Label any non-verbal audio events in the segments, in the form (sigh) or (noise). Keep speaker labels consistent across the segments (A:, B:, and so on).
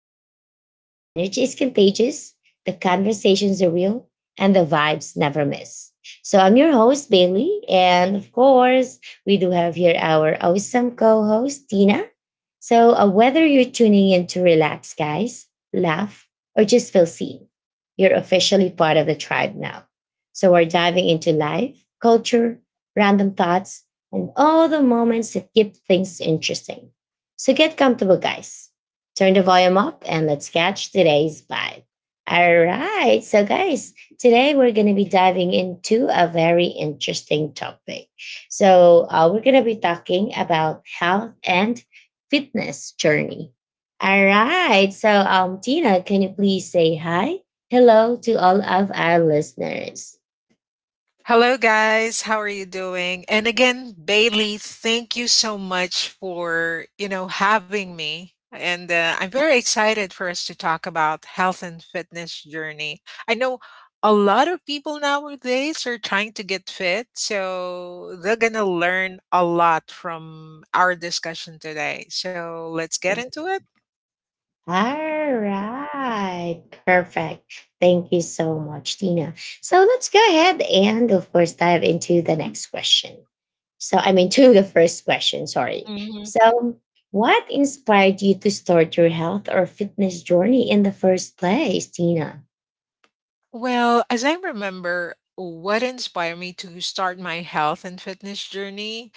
A: podcast where the energy is contagious, the conversations are real, and the vibes never miss. So I'm your host, Bailey. And of course, we do have here our awesome co host, Tina. So, whether you're tuning in to relax, guys, laugh, or just feel seen, you're officially part of the tribe now. So we're diving into life, culture, random thoughts, and all the moments that keep things interesting. So get comfortable, guys. Turn the volume up and let's catch today's vibe. All right. So, guys, today we're going to be diving into a very interesting topic. So, we're going to be talking about health and fitness journey. All right. So, Tina, can you please say hi? Hello to all of our listeners.
B: Hello, guys. How are you doing? And again, Bailey, thank you so much for having me. And I'm very excited for us to talk about health and fitness journey. I know a lot of people nowadays are trying to get fit, so they're gonna learn a lot from our discussion today. So let's get into it.
A: All right. Perfect. Thank you so much, Tina. So let's go ahead and, of course, dive into the next question. So, to the first question, sorry.
B: Mhm.
A: So, what inspired you to start your health or fitness journey in the first place, Tina?
B: Well, as I remember, what inspired me to start my health and fitness journey,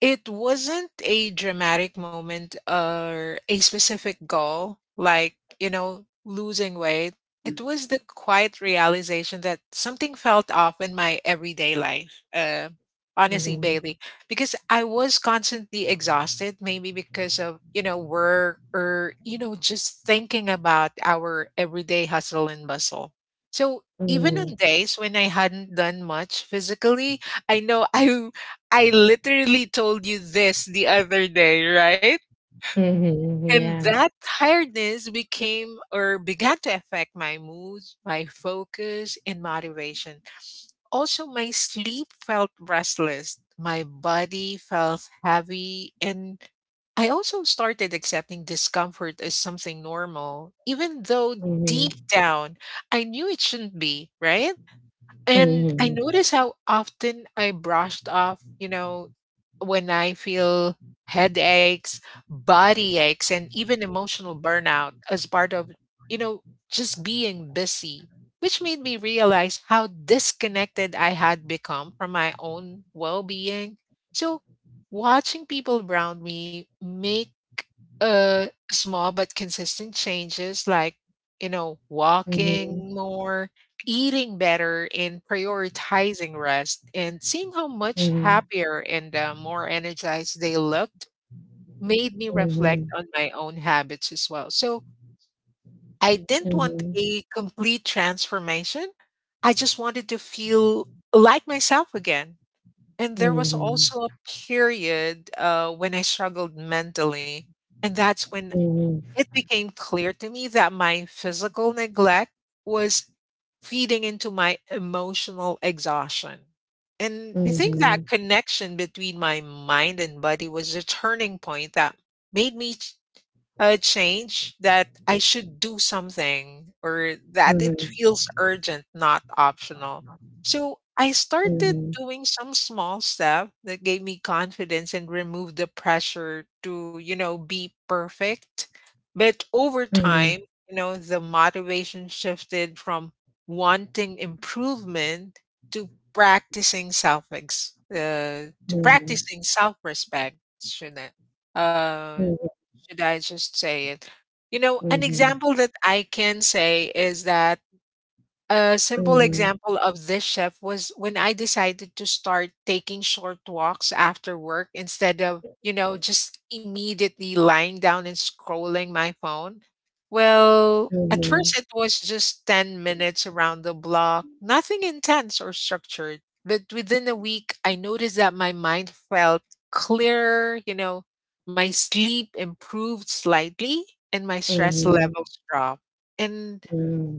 B: it wasn't a dramatic moment or a specific goal, like, you know, losing weight. It was the quiet realization that something felt off in my everyday life. Honestly,
A: Hmm.
B: Bailey, because I was constantly exhausted, maybe because of, you know, work or, you know, just thinking about our everyday hustle and bustle. So even
A: Hmm.
B: on days when I hadn't done much physically, I know, I I literally told you this the other day, right?
A: Hmm.
B: And
A: Yeah.
B: that tiredness became or began to affect my mood, my focus, and motivation. Also, my sleep felt restless, my body felt heavy, and I also started accepting discomfort as something normal, even though deep
A: Hmm.
B: down I knew it shouldn't be, right? And I
A: Hmm.
B: notice how often I brushed off, you know, when I feel headaches, body aches, and even emotional burnout as part of, you know, just being busy, which made me realize how disconnected I had become from my own well being. So watching people around me make uh small but consistent changes like, you know,
A: Hmm.
B: walking more, eating better, and prioritizing rest, and seeing how much
A: Hmm.
B: happier and more energized they looked made me reflect
A: Hmm.
B: on my own habits as well. So I didn't
A: Hmm.
B: want
A: Hmm.
B: a complete transformation. I just wanted to feel like myself again. And there was also a period when I struggled mentally. And that's when it became clear to me that my physical neglect was feeding into my emotional exhaustion. And I think
A: Hmm.
B: that connection between my mind and body was a turning point that made me a change that I should do something or that
A: Hmm.
B: it
A: Hmm.
B: feels urgent, not optional. So I started
A: Mhm.
B: doing some small step that gave me confidence and removed the pressure to, you know, be perfect. But over time,
A: Mhm.
B: you know, the motivation shifted from wanting improvement to practicing self ex to
A: Mhm.
B: practicing self respect, shouldn't it? Uh,
A: Mhm.
B: should I just say it? You know, an example that I can say is that a simple
A: Mhm.
B: example of this shift was when I decided to start taking short walks after work instead of, you know, just immediately lying down and scrolling my phone. Well, at
A: Mhm.
B: first it was just 10 minutes around the block, nothing intense or structured. But within a week, I noticed that my mind felt clearer, you know, my sleep improved slightly and my stress
A: Mhm.
B: levels dropped. And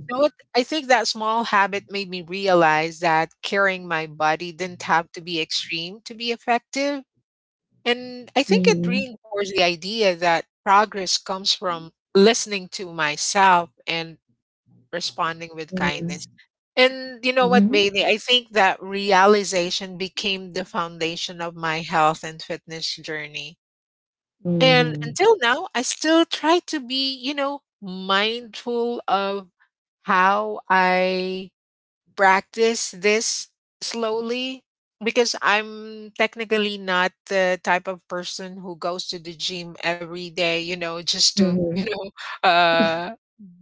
B: you know what? I think that small habit made me realize that carrying my body didn't have to be extreme to be effective. And I think it
A: Mhm.
B: reinforced the idea that progress comes from listening to myself and responding with kindness.
A: Mhm.
B: And you know
A: Mhm.
B: what,
A: Mhm.
B: Bailey? I think that realization became the foundation of my health and fitness journey. And until now, I still try to be, you know, mindful of how I practice this slowly, because I'm technically not the type of person who goes to the gym every day, you know, just
A: Mhm.
B: to, (laughs)
A: Mhm. Mhm.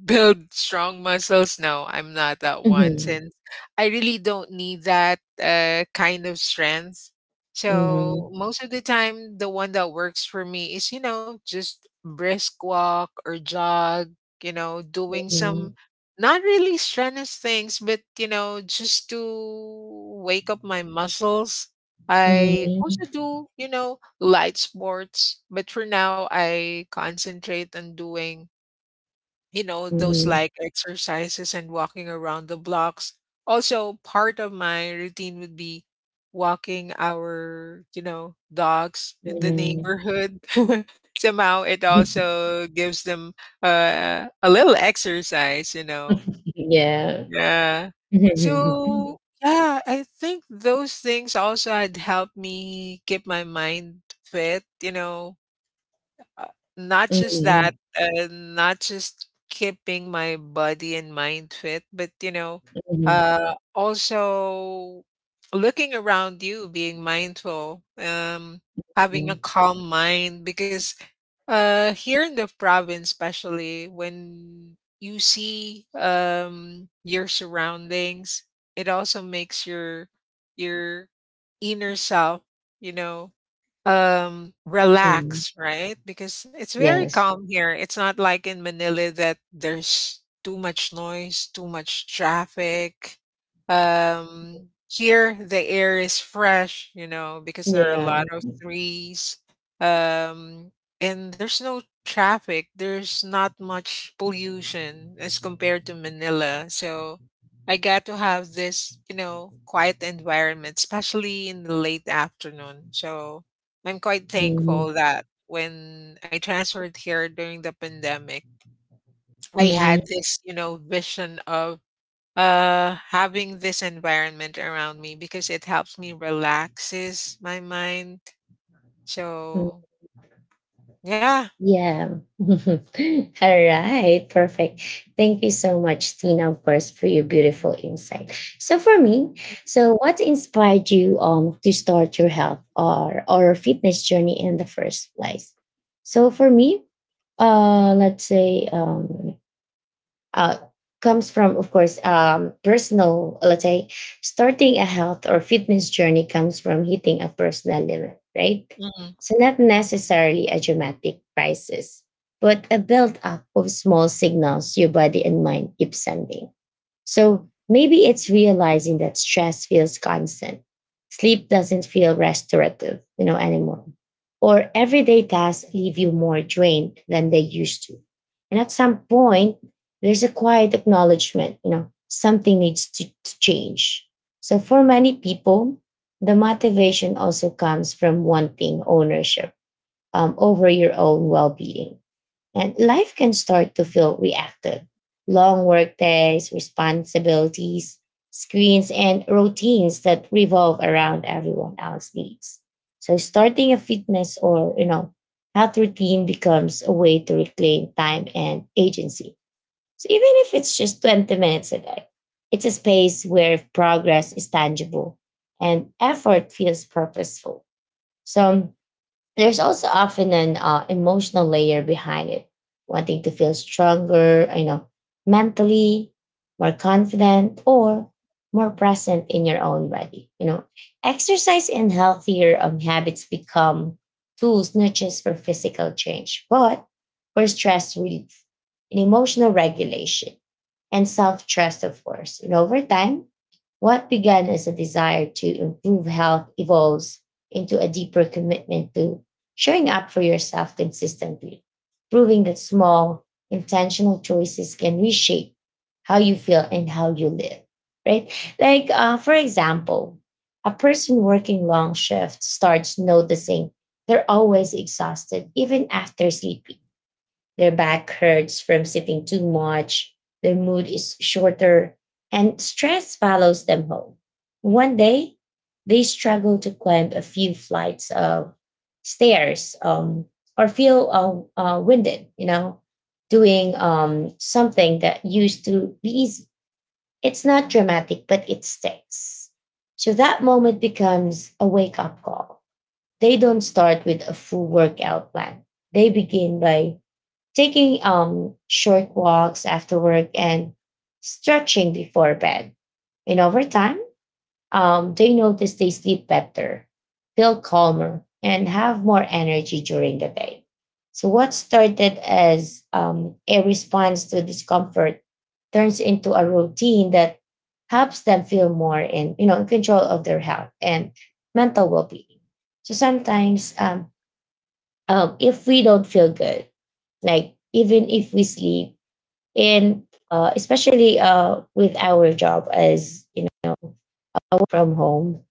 B: build strong muscles. No, I'm not that one, since I really don't need that kind of strength. So
A: Mhm.
B: most of the time the one that works for me is, you know, just brisk walk or jog, you know, doing some not really strenuous things, but you know, just to wake up my muscles. I
A: Mhm.
B: also do, you know, light sports, but for now I concentrate on doing, you know,
A: Mhm.
B: those
A: Mhm. Mhm.
B: like exercises and walking around the blocks. Also, part of my routine would be walking our, you know, dogs in the
A: Mhm.
B: neighborhood. (laughs) Somehow it
A: (laughs)
B: also gives them a little exercise, you know,
A: Yeah.
B: yeah.
A: (laughs) Mhm.
B: So, yeah, I think those things also had helped me keep my mind fit, you know, uh, not just that,
A: Mhm.
B: not just keeping my body and mind fit, but, you know, also looking around you, being mindful,
A: Mhm.
B: having a calm mind, because here in the province, especially when you see your surroundings, it also makes your your inner self, you know,
A: Mhm.
B: relax, right? Because it's very
A: Yes.
B: calm here. It's not like in Manila that there's too much noise, too much traffic. Here the air is fresh, you know, because there are a
A: Yeah.
B: lot of trees. Um, and there's no traffic. There's not much pollution as compared to Manila. So I got to have this, you know, quiet environment, especially in the late afternoon. So I'm quite
A: Mhm.
B: thankful that when I transferred here during the pandemic, I
A: Mhm.
B: had this, you know, vision of having this environment around me because it helps me relaxes my mind. So yeah.
A: Yeah. (laughs) All right. Perfect. Thank you so much, Tina, of course, for your beautiful insight. So for me, so what inspired you to start your health or fitness journey in the first place? So for me, let's say uh, comes from, of course, personal, let's say, starting a health or fitness journey comes from hitting a personal limit, right?
B: Mhm.
A: So not necessarily a dramatic crisis, but a build up of small signals your body and mind keep sending. So maybe it's realizing that stress feels constant. Sleep doesn't feel restorative, you know, anymore. Or everyday tasks leave you more drained than they used to. And at some point, there's a quiet acknowledgement, you know, something needs to change. So for many people, the motivation also comes from wanting ownership over your own well-being, and life can start to feel reactive. Long work days, responsibilities, screens, and routines that revolve around everyone else's needs. So starting a fitness or, you know, health routine becomes a way to reclaim time and agency. So even if it's just 20 minutes a day, it's a space where progress is tangible and effort feels purposeful. So there's also often an emotional layer behind it, wanting to feel stronger, you know, mentally, more confident, or more present in your own body. You know, exercise and healthier habits become tools not just for physical change, but for stress relief and emotional regulation and self trust, of course. And over time, what began as a desire to improve health evolves into a deeper commitment to showing up for yourself consistently, proving that small, intentional choices can reshape how you feel and how you live, right? Like, for example, a person working long shifts starts noticing they're always exhausted. Even after sleeping, their back hurts from sitting too much. Their mood is shorter, and stress follows them home. One day, they struggle to climb a few flights of stairs, or feel winded, you know, doing something that used to be easy. It's not dramatic, but it sticks. So that moment becomes a wake up call. They don't start with a full workout plan. They begin by taking, short walks after work and stretching before bed. And over time, they notice they sleep better, feel calmer, and have more energy during the day. So what started as a response to discomfort turns into a routine that helps them feel more in, you know, in control of their health and mental well-being. So sometimes, if we don't feel good, like even if we sleep, and especially with our job as, you know, work from home,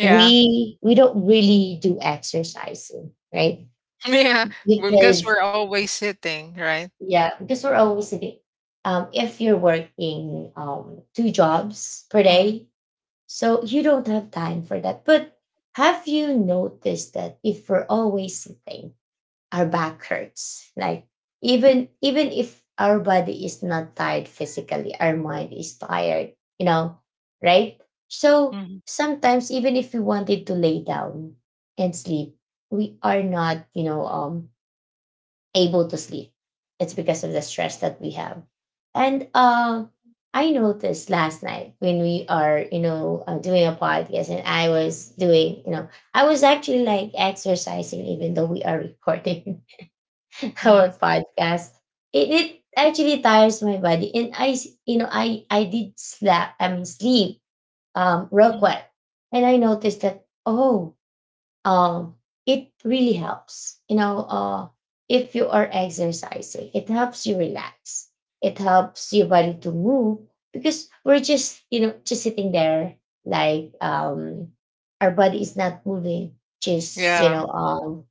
B: Yeah.
A: we don't really do exercising, right?
B: (laughs) Yeah, well, because
A: Because
B: we're always sitting, right?
A: yeah, because we're always sitting. If you're working two jobs per
B: Mhm,
A: day, so you don't have time for that. But have you noticed that if we're always sitting, our back hurts. Like even if our body is not tired physically, our mind is tired, you know, right? So
B: mhm,
A: sometimes even if we wanted to lay down and sleep, we are not, you know, able to sleep. It's because of the stress that we have. And I noticed last night when we are, you know, doing a podcast and I was doing, you know, I was actually like exercising even though we are recording (laughs)
B: mhm,
A: our podcast. It actually tires my body, and you know I did slap I mean sleep real quick,
B: mhm.
A: and I noticed that, oh, um it really helps, you know. If you are exercising, it helps you relax, it helps your body to move, because we're just, you know, just sitting there, like, our body is not moving, just, you know,
B: Yeah,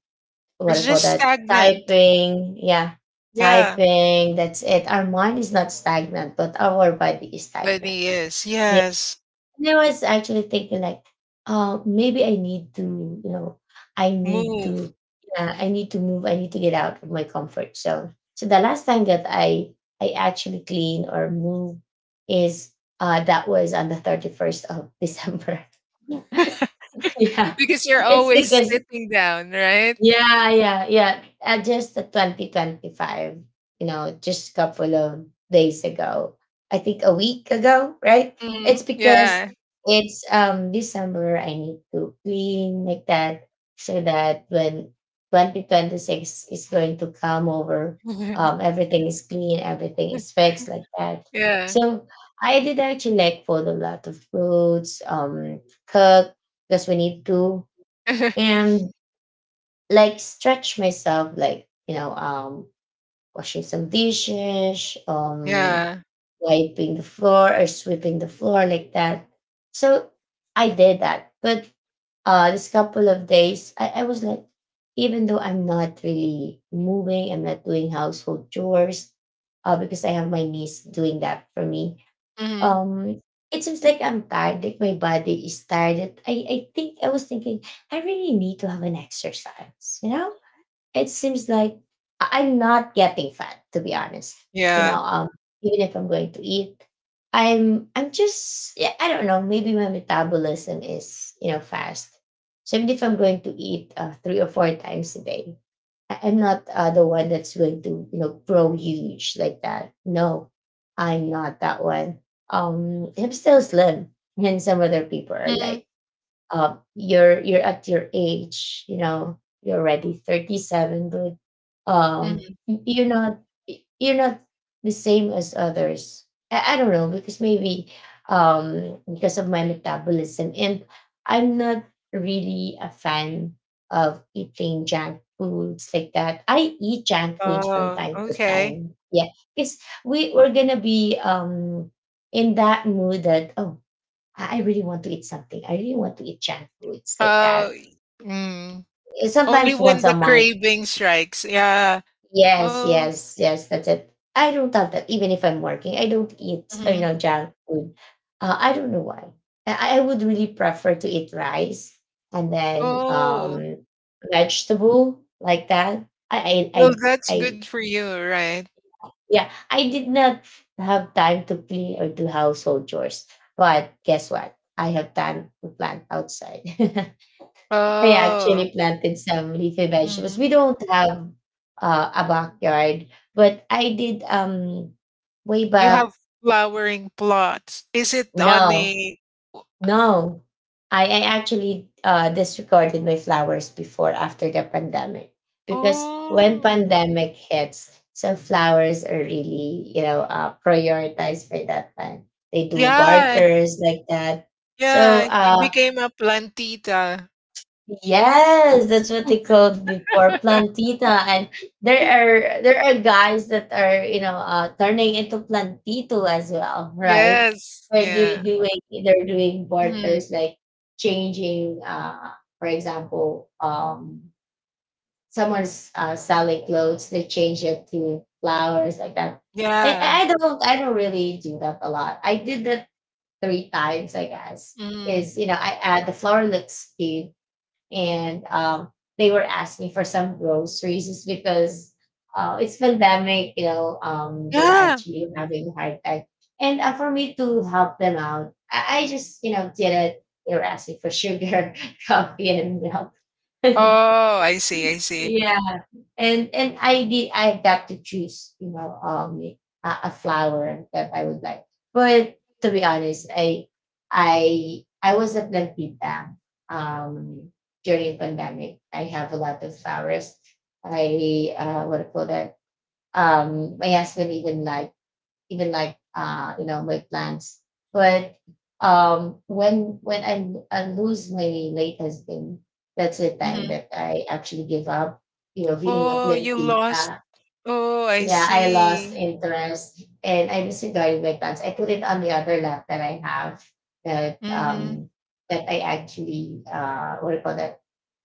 A: what
B: it's
A: I call
B: just
A: that,
B: stagnant.
A: typing. Yeah,
B: Yeah,
A: typing. That's it. Our mind is not stagnant, but our body is
B: but
A: stagnant.
B: he is.
A: Yeah.
B: Yes,
A: And I was actually thinking like, oh, maybe I need to, you know, I need
B: move.
A: to, yeah, I need to move. I need to get out of my comfort zone. So the last time that I actually clean or move is, that was on the 31st of December. (laughs)
B: (laughs)
A: Yeah,
B: Because you're
A: it's
B: always
A: because
B: sitting down, right?
A: yeah, yeah, yeah. Just the 2025, you know, just a couple of days ago. I think a week ago, right? It's
B: Mhm,
A: because
B: yeah.
A: it's December, I need to clean like that, so that when 2026 is going to come over,
B: (laughs)
A: everything is clean, everything is fixed like that.
B: Yeah.
A: So I did actually like fold a lot of clothes, cook, because we need to,
B: (laughs)
A: and like stretch myself, like, you know, washing some dishes,
B: Yeah.
A: wiping the floor or sweeping the floor, like that. So I did that. But this couple of days, I was like, even though I'm not really moving, I'm not doing household chores, because I have my niece doing that for me,
B: Mhm,
A: um it seems like I'm tired, like my body is tired. I think I was thinking I really need to have an exercise, you know? It seems like I'm not getting fat, to be honest. You know,
B: yeah.
A: even if I'm going to eat, I'm just yeah, I don't know. Maybe my metabolism is, you know, fast. So even if I'm going to eat three or four times a day, I'm not the one that's going to, you know, grow huge like that. No, I'm not that one. I'm still slim, and some other people are
B: Mhm,
A: like, you're at your age, you know, you're already 37, but
B: mhm.
A: you're not, you're not the same as others. I don't know because maybe, because of my metabolism, and I'm not really a fan of eating junk foods like that. I eat junk foods from
B: Oh,
A: time to
B: okay.
A: time. Yeah, because we're gonna be in that mood that, oh, I really want to eat something. I really want to eat junk foods like that.
B: Oh, mm. Only
A: Sometimes once
B: when
A: a
B: the
A: month.
B: craving strikes. Yeah.
A: Yes,
B: Oh,
A: yes, yes. That's it. I don't have that. Even if I'm working, I don't eat, you
B: mhm.
A: know, junk food. I don't know why. I would really prefer to eat rice and then
B: Oh.
A: vegetable like that.
B: Well, that's
A: I
B: good for you, right?
A: yeah. I did not have time to clean or do household chores, but guess what? I have time to plant outside. (laughs) I
B: Oh,
A: actually planted some leafy vegetables.
B: mm.
A: We don't have a backyard, but I did way
B: You have
A: back.
B: flowering plots. Is it on
A: No,
B: a o-?
A: no, I actually disregarded my flowers before, after the pandemic, because when
B: Oh,
A: pandemic hits, some flowers are really, you know, prioritized by that time. They do
B: yeah,
A: barters like that. So
B: yeah. You
A: uh.
B: became a plantita.
A: Yes, that's what they called before,
B: (laughs)
A: plantita, and there are guys that are, you know, turning into plantito as well, right?
B: Yes,
A: Where
B: yeah.
A: they're doing
B: Mm,
A: barters, like changing, for example, someone's selling clothes, they change it to flowers like that. And
B: yeah.
A: I don't, really do that a lot. I did that three times, I guess.
B: Mm,
A: Is, you know, I add the flower, looks cute, and they were asking for some groceries just because it's pandemic, you know, they're
B: yeah.
A: actually having a hard time. And for me to help them out, I just, you know, did it. They were asking for sugar, (laughs) coffee, and milk. (laughs)
B: Oh, I see, I see.
A: Yeah, and I got to choose a flower that I would like. But to be honest, I was at Lampita um during pandemic. I have a lot of flowers. I what do you call that? My husband even like my plans. But when I lose my late husband, that's the time
B: Mhm.
A: that I actually give up. You know, being a
B: Oh, you
A: blimpie.
B: lost. Oh, I
A: Yeah, I lost
B: see.
A: interest and I disregarded my plans. I put it on the other lap that I have, that
B: Hmm.
A: um that I actually what do you call that,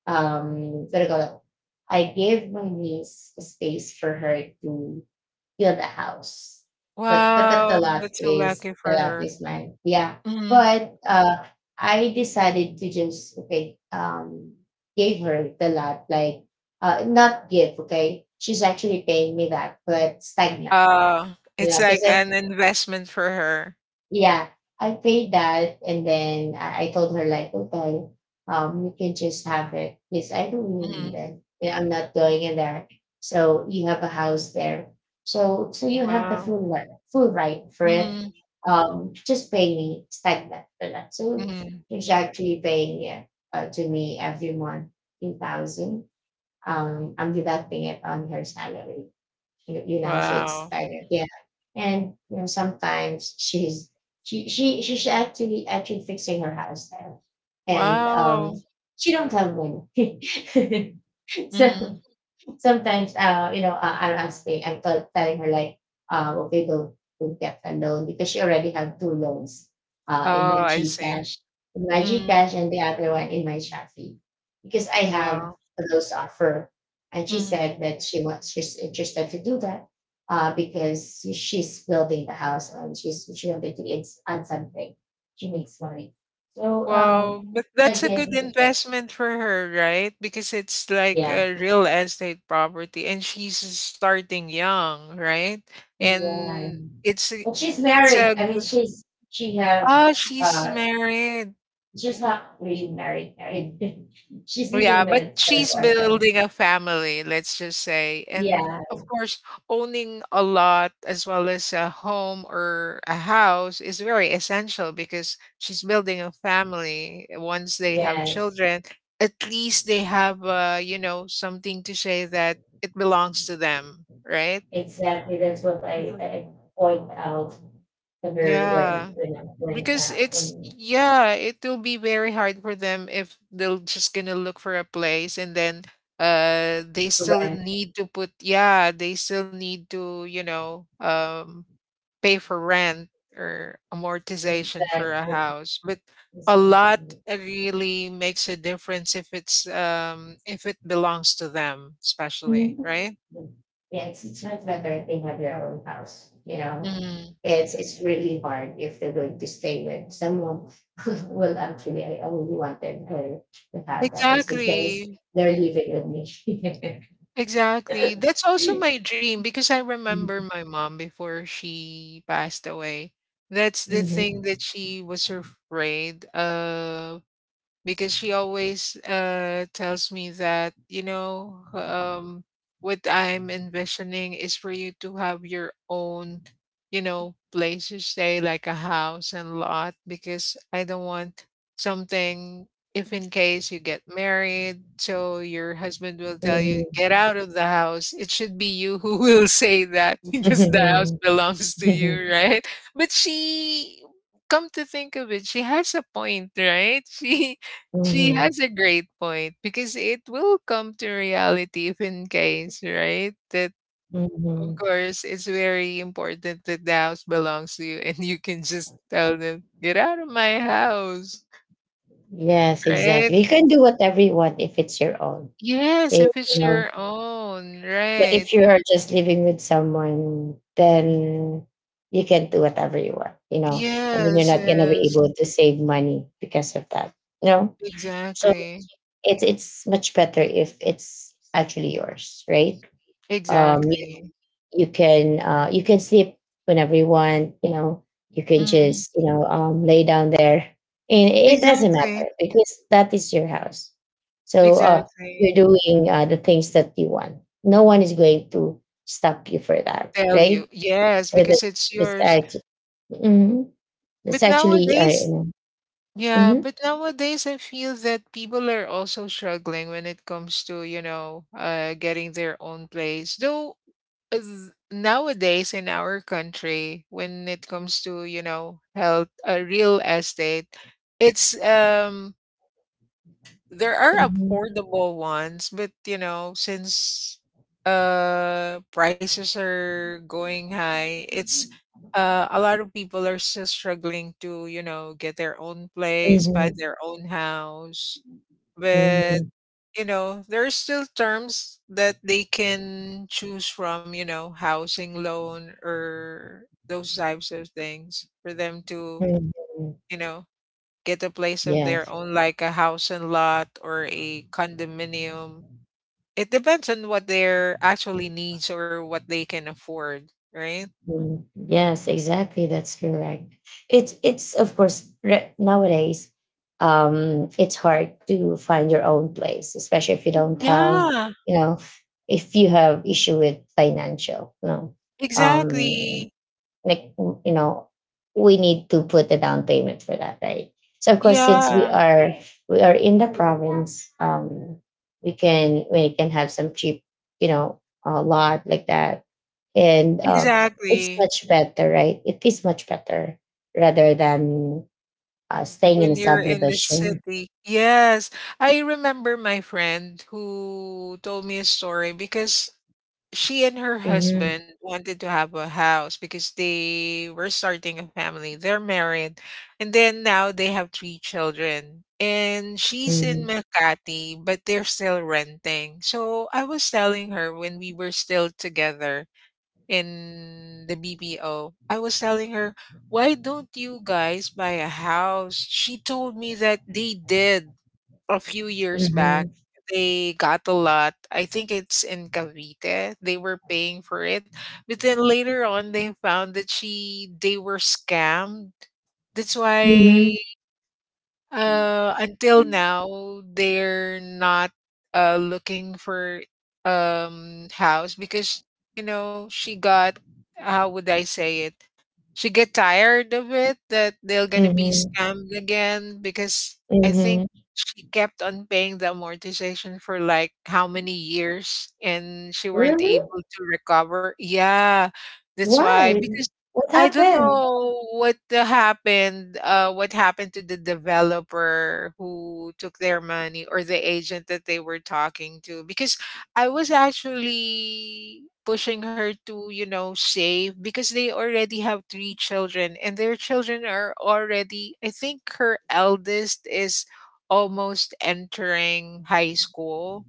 A: what do you call that, I gave my niece a space for her to build the house. But that, the
B: Wow,
A: lot
B: that's so
A: is
B: lucky
A: the
B: for
A: lot
B: her.
A: is mine. Yeah.
B: Mhm.
A: But I decided to just, okay, gave her the lot, like, not give, okay. She's actually paying me that, but stagnant.
B: Oh,
A: You
B: it's
A: know,
B: like
A: because
B: an investment for her.
A: yeah, I paid that, and then I told her like, okay, you can just have it because I don't really
B: Mhm.
A: need it. Yeah, I'm not going in there. So you have a house there, so you have the
B: Wow.
A: full right, for it.
B: Mhm,
A: Just pay me stagnant for that. So
B: mhm.
A: she's actually paying, yeah, to me every month 2000. I'm deducting it on her salary. You know, so it's
B: Wow.
A: stagnant. Yeah. And you know, sometimes she's she she's actually fixing her house there. And
B: Wow.
A: she don't have money. (laughs)
B: Mhm.
A: So sometimes, I'll ask me I'm tell, telling her like, okay, don't get a loan because she already have two loans in
B: Oh,
A: my
B: I see.
A: Gcash,
B: Mhm.
A: And the other one in my Shopee, because I have
B: Wow.
A: those offer, and she
B: Mhm.
A: said that she's interested to do that, because she's building the house, and she wanted to, it's on something, she needs money, so
B: Wow, but
A: I
B: that's a
A: gave
B: good
A: her that.
B: investment for her, right? Because it's like
A: Yeah.
B: a real estate property and she's starting young, right?
A: Yeah.
B: And it's a,
A: But she's
B: it's
A: married.
B: a
A: I mean,
B: good—
A: she's she have
B: Oh, she's
A: uh
B: married.
A: she's not really married. (laughs) She's living
B: Yeah, but
A: with her
B: she's
A: daughter.
B: building a family, let's just say. And
A: Yeah.
B: of course, owning a lot as well as a home or a house is very essential because she's building a family. Once they have
A: Yes.
B: children, at least they have, you know, something to say that it belongs to them, right?
A: Exactly. That's what I,
B: Mhm.
A: I point out to her, when
B: Yeah.
A: when I'm going
B: Because
A: out,
B: it's—
A: when
B: yeah, it will be very hard for them if they're just gonna look for a place and then they still
A: when
B: need to put— yeah, they still need to, you know, pay for rent or amortization for a
A: exactly.
B: house. But a lot
A: Exactly.
B: really makes a difference if it's if it belongs to them, especially,
A: Mhm.
B: right?
A: Yeah, it's much better if they have their own house, you know?
B: Mhm.
A: It's really hard if they're going to stay with someone. (laughs) Well, actually, I only wanted her to have that, was because
B: Exactly.
A: they're living with me.
B: Exactly. That's also
A: (laughs)
B: my dream because I remember
A: Mhm.
B: my mom before she passed away. That's the thing
A: Mhm.
B: that she was afraid of because she always tells me that, you know, what I'm envisioning is for you to have your own, you know, place to stay, like a house and lot, because I don't want something, if in case you get married, so your husband will tell you get out of the house, it should be you who (laughs) will say that, (laughs) because the house
A: Mhm.
B: belongs to
A: Mhm.
B: you, right? But she— come to think of it, she has a point, right? (laughs) She she
A: Mhm.
B: has a great point because it will come to reality if in case, right? That of
A: Mhm. (laughs)
B: course it's very important that the house belongs to you and you can just tell them, get out of my house.
A: Yes,
B: Right?
A: exactly. You can do whatever you want if it's your own.
B: Yes, if
A: You
B: it's
A: know,
B: your own,
A: but
B: right.
A: if you are just living with someone, then you can do whatever you want, you know, and then you're
B: Yes,
A: not gonna be
B: yes.
A: able to save money because of that. You know? So
B: Exactly.
A: it's much better if it's actually yours, right? Um
B: Exactly.
A: you can, you can sleep whenever you want, you know, you can
B: Mm,
A: just, you know, lay down there, and it doesn't
B: exactly.
A: matter because that is your house. So, you're
B: Exactly.
A: doing, the things that you want. No one is going to stop you for that,
B: Tell you.
A: right?
B: Yes,
A: So
B: because
A: that
B: it's
A: that's
B: yours.
A: actually, mm that's
B: But
A: actually, you
B: nowadays—
A: know.
B: yeah,
A: Mhm.
B: but nowadays I feel that people are also struggling when it comes to, you know, getting their own place. Though nowadays in our country, when it comes to, you know, health, a real estate, it's there are
A: Mhm.
B: affordable ones, but you know, since prices are going high, it's a lot of people are still struggling to, you know, get their own place, buy
A: Mhm.
B: their own house. But
A: Mhm.
B: you know, there are still terms that they can choose from, you know, housing loan or those types of things for them to,
A: Mhm.
B: you know, get a place of
A: Yeah.
B: their own, like a house and lot or a condominium. It depends on what their actually needs or what they can afford, right?
A: Mm, yes, exactly. That's correct. It's of course, nowadays, it's hard to find your own place, especially if you don't have,
B: Yeah,
A: you know, if you have issue with financial, you know, um,
B: exactly.
A: like, we need to put a down payment for that, right? So of course, since we
B: Yeah,
A: are we are in the province, we can have some cheap, you know, a lot like that, and it's
B: exactly.
A: much better, right? It is much better rather than staying in
B: When you're in the
A: subdivision.
B: city. Yes. I remember my friend who told me a story because she and her
A: Mm-hmm.
B: husband wanted to have a house because they were starting a family. They're married, and then now they have 3 children. And she's in
A: Mm-hmm.
B: Makati, but they're still renting. So I was telling her when we were still together in the BPO, I was telling her, "Why don't you guys buy a house?" She told me that they did a few years back,
A: Mm-hmm.
B: they got a lot. I think it's in Cavite. They were paying for it. But then later on they found that she they were scammed. That's
A: Mm-hmm.
B: why until now they're not looking for house because she got how would I say it? She get tired of it that they're gonna be
A: Mm-hmm.
B: scammed again because I think
A: Mm-hmm.
B: she kept on paying the amortization for like how many years and she weren't
A: Really?
B: able to recover. Yeah, that's why
A: Why?
B: because
A: What
B: I don't
A: happened?
B: know what happened to the developer who took their money or the agent that they were talking to because I was actually pushing her to, save because they already have three children and their children are already, I think her eldest is almost entering high school.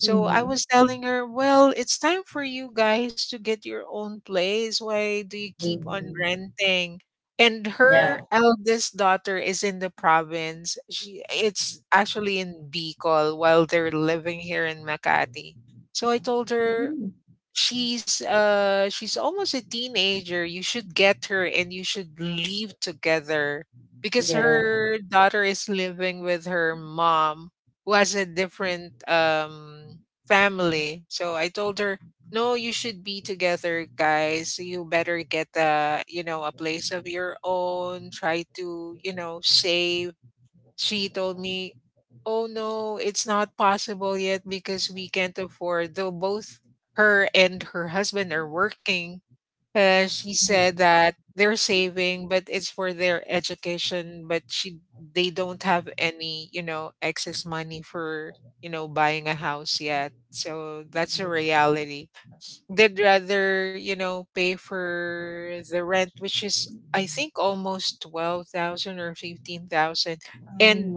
B: So I
A: Mm-hmm.
B: was telling her, well, it's time for you guys to get your own place. Why do you keep on
A: Mm-hmm.
B: renting? And her
A: Yeah.
B: eldest daughter is in the province. She it's actually in Bicol while they're living here in Makati. So I told her
A: Mhm.
B: she's almost a teenager. You should get her and you should leave together because
A: Yeah.
B: her daughter is living with her mom who has a different family. So I told her, "No, you should be together, guys. You better get a place of your own. Try to, save." She told me, "Oh no, it's not possible yet because we can't afford." Though both her and her husband are working, she said that they're saving, but it's for their education. But they don't have any, excess money for buying a house yet. So that's a reality. They'd rather, pay for the rent, which is I think almost 12,000 or 15,000, and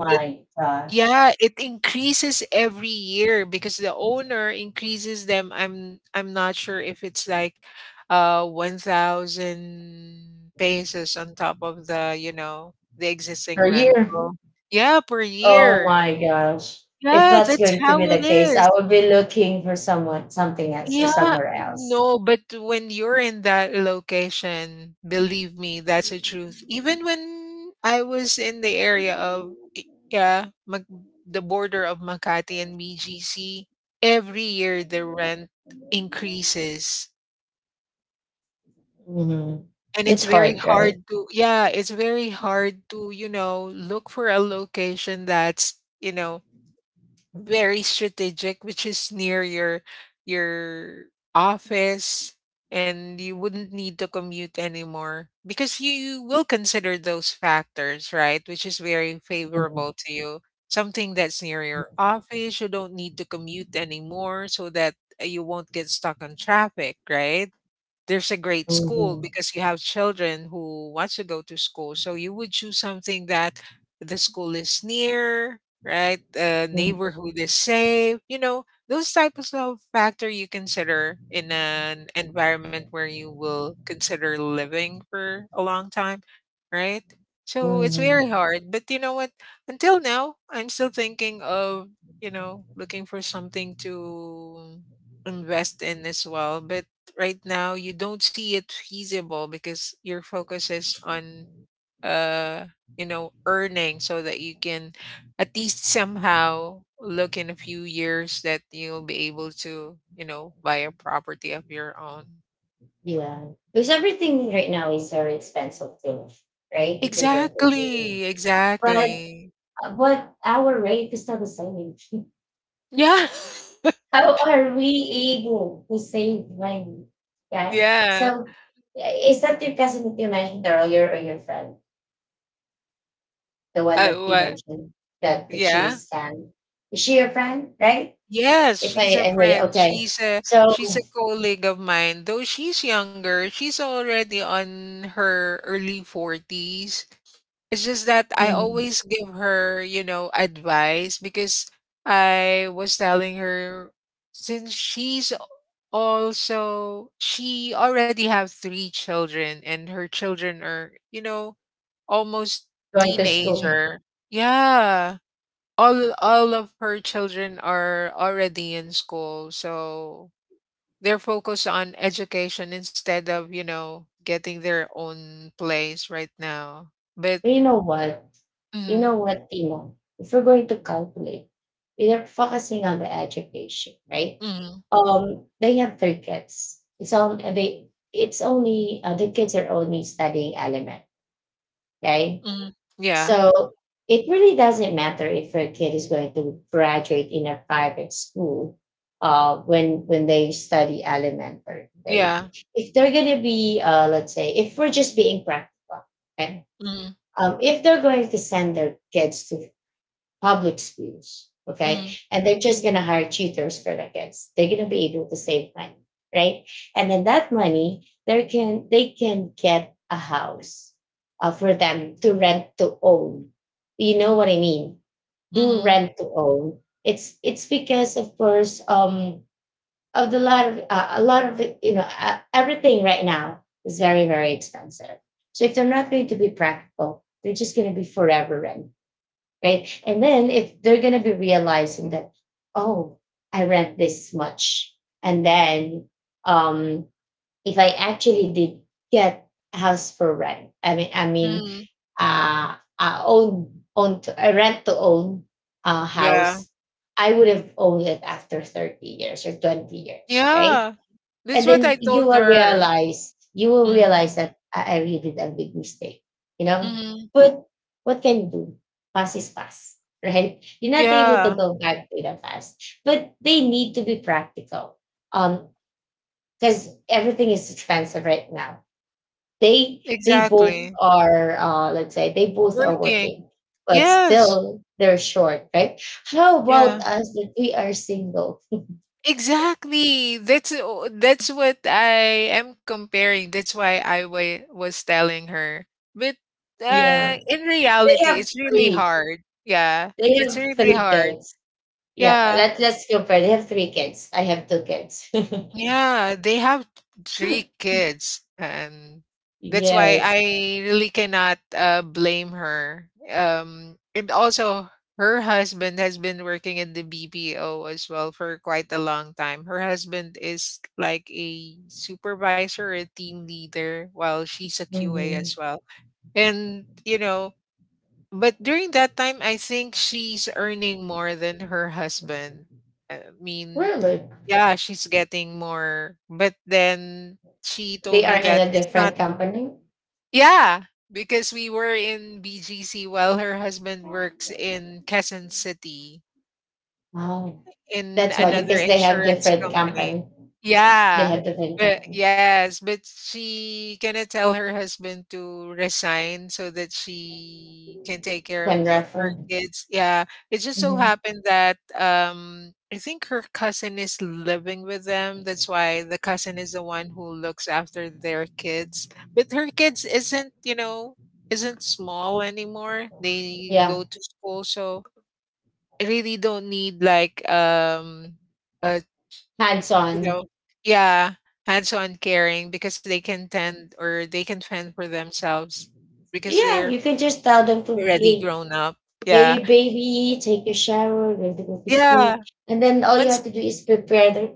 B: yeah, it increases every year because the owner increases them. I'm not sure if it's like 1,000 pesos on top of the existing
A: Per year.
B: rental. Yeah, per
A: Oh
B: year.
A: my gosh. If
B: Yeah,
A: that's
B: that's
A: going to be
B: how it
A: the case,
B: is.
A: I would be looking for someone, something else, or
B: Yeah,
A: somewhere else.
B: no, but when you're in that location, believe me, that's the truth. Even when I was in the area of yeah, Mag- the border of Makati and BGC, every year the rent increases.
A: Mhm.
B: And it's
A: It's
B: very
A: hard, right?
B: hard to, yeah, it's very hard to, look for a location that's, very strategic, which is near your office, and you wouldn't need to commute anymore because you will consider those factors, right? Which is very
A: Mhm.
B: favorable to you. Something that's near your office, you don't need to commute anymore, so that you won't get stuck on traffic, right? There's a great school because you have children who wants to go to school, so you would choose something that the school is near, right? Neighborhood is safe. You know, those types of factor you consider in an environment where you will consider living for a long time, right? So it's very hard. But you know what? Until now, I'm still thinking of, looking for something to invest in as well. But right now, you don't see it feasible because your focus is on, uh, earning so that you can at least somehow look in a few years that you'll be able to, buy a property of your own.
A: Yeah. Because everything right now is very expensive too, right? If you're going to do.
B: Exactly,
A: But
B: exactly.
A: but our rate is not the same. (laughs)
B: Yeah. (laughs)
A: How are we able to save money? Yeah.
B: Yeah.
A: So is that your cousin that you mentioned earlier or your friend? The one that you
B: What?
A: mentioned that she
B: Yeah.
A: was scammed. Is she your friend, right?
B: Yes,
A: If I,
B: she's a
A: I heard it,
B: friend.
A: okay.
B: She's a
A: So
B: she's a colleague of mine. Though she's younger, she's already on her early 40s. It's just that I
A: mm,
B: always give her, advice because I was telling her since she already have three children and her children are, almost
A: going to school.
B: teenager. Yeah. All of her children are already in school, so they're focused on education instead of, getting their own place right now. But
A: But you know what? You
B: mhm,
A: know what, Timo? If we are going to calculate, we're focusing on the education, right?
B: mhm.
A: They have three kids. It's on, they. It's only, the kids are only studying element, right?
B: Mhm. Yeah.
A: So it really doesn't matter if your kid is going to graduate in a private school. When they study elementary, they,
B: Yeah.
A: if they're gonna be let's say if we're just being practical, okay?
B: Mhm.
A: If they're going to send their kids to public schools, okay,
B: Mhm.
A: and they're just going to hire tutors for their kids, they're going to be able to save money, right? And then that money, they can get a house, for them to rent to own. You know what I mean? Do
B: Mhm.
A: rent to own. It's because of course, of the lot of a lot of, you know, everything right now is very very expensive. So if they're not going to be practical, they're just going to be forever rent, right? And then if they're going to be realizing that, oh, I rent this much, and then, um, if I actually did get a house for rent, I mean,
B: Mhm.
A: a rent to own,
B: Yeah.
A: house, I would have owned it after 30 years or 20 years, right?
B: Yeah. That's
A: And
B: what I
A: then you
B: told
A: will
B: her.
A: realize you will
B: Mhm.
A: realize that I really did a big mistake, you know.
B: Mhm.
A: But what can you do? Past is past, (laughs) right? You're not able to
B: Yeah.
A: go back to the past, but they need to be practical. Um, because everything is expensive right now. They both
B: Exactly.
A: are, let's say they both are
B: Working.
A: working, but
B: Yes.
A: still they're short, right? How about
B: Yeah.
A: us that we are single?
B: Exactly. That's what I am comparing. That's why I was telling her. But
A: Yeah.
B: in
A: They
B: reality,
A: have
B: it's really
A: three.
B: hard. Yeah.
A: They
B: It's
A: have
B: really
A: three
B: hard.
A: kids. Yeah,
B: Yeah.
A: let's compare. They have three kids. I have two kids.
B: Yeah, they have three
A: (laughs)
B: kids, and that's why
A: Yes.
B: I really cannot blame her. And also, her husband has been working in the BPO as well for quite a long time. Her husband is like a supervisor, a team leader, while she's a QA
A: Mhm.
B: as well. And, you know, but during that time, I think she's earning more than her husband. I mean,
A: Really?
B: yeah, she's getting more, but then she told
A: They
B: me
A: are in
B: that
A: a
B: it's not.
A: different company.
B: Yeah, because we were in BGC while her husband works in Quezon City.
A: Oh,
B: In
A: that's why,
B: another
A: because they have
B: insurance
A: different
B: company.
A: company. They
B: Yeah.
A: had different
B: but
A: kind.
B: yes, but she gonna tell her husband to resign so that she can take care
A: Pen
B: of her
A: refer.
B: kids. Yeah, it just so
A: Hmm.
B: happened that, I think her cousin is living with them. That's why the cousin is the one who looks after their kids. But her kids isn't, you know, isn't small anymore. They
A: Yeah,
B: go to school, so really don't need like, uh,
A: hands
B: you
A: on.
B: know yeah, hands-on caring because they can tend or they can fend for themselves because
A: Yeah,
B: they're
A: you can just tell them to,
B: already
A: hey,
B: grown up. Yeah.
A: hey baby, take a shower, ready to go to
B: Yeah.
A: school, and then all you
B: Once
A: have to do is prepare their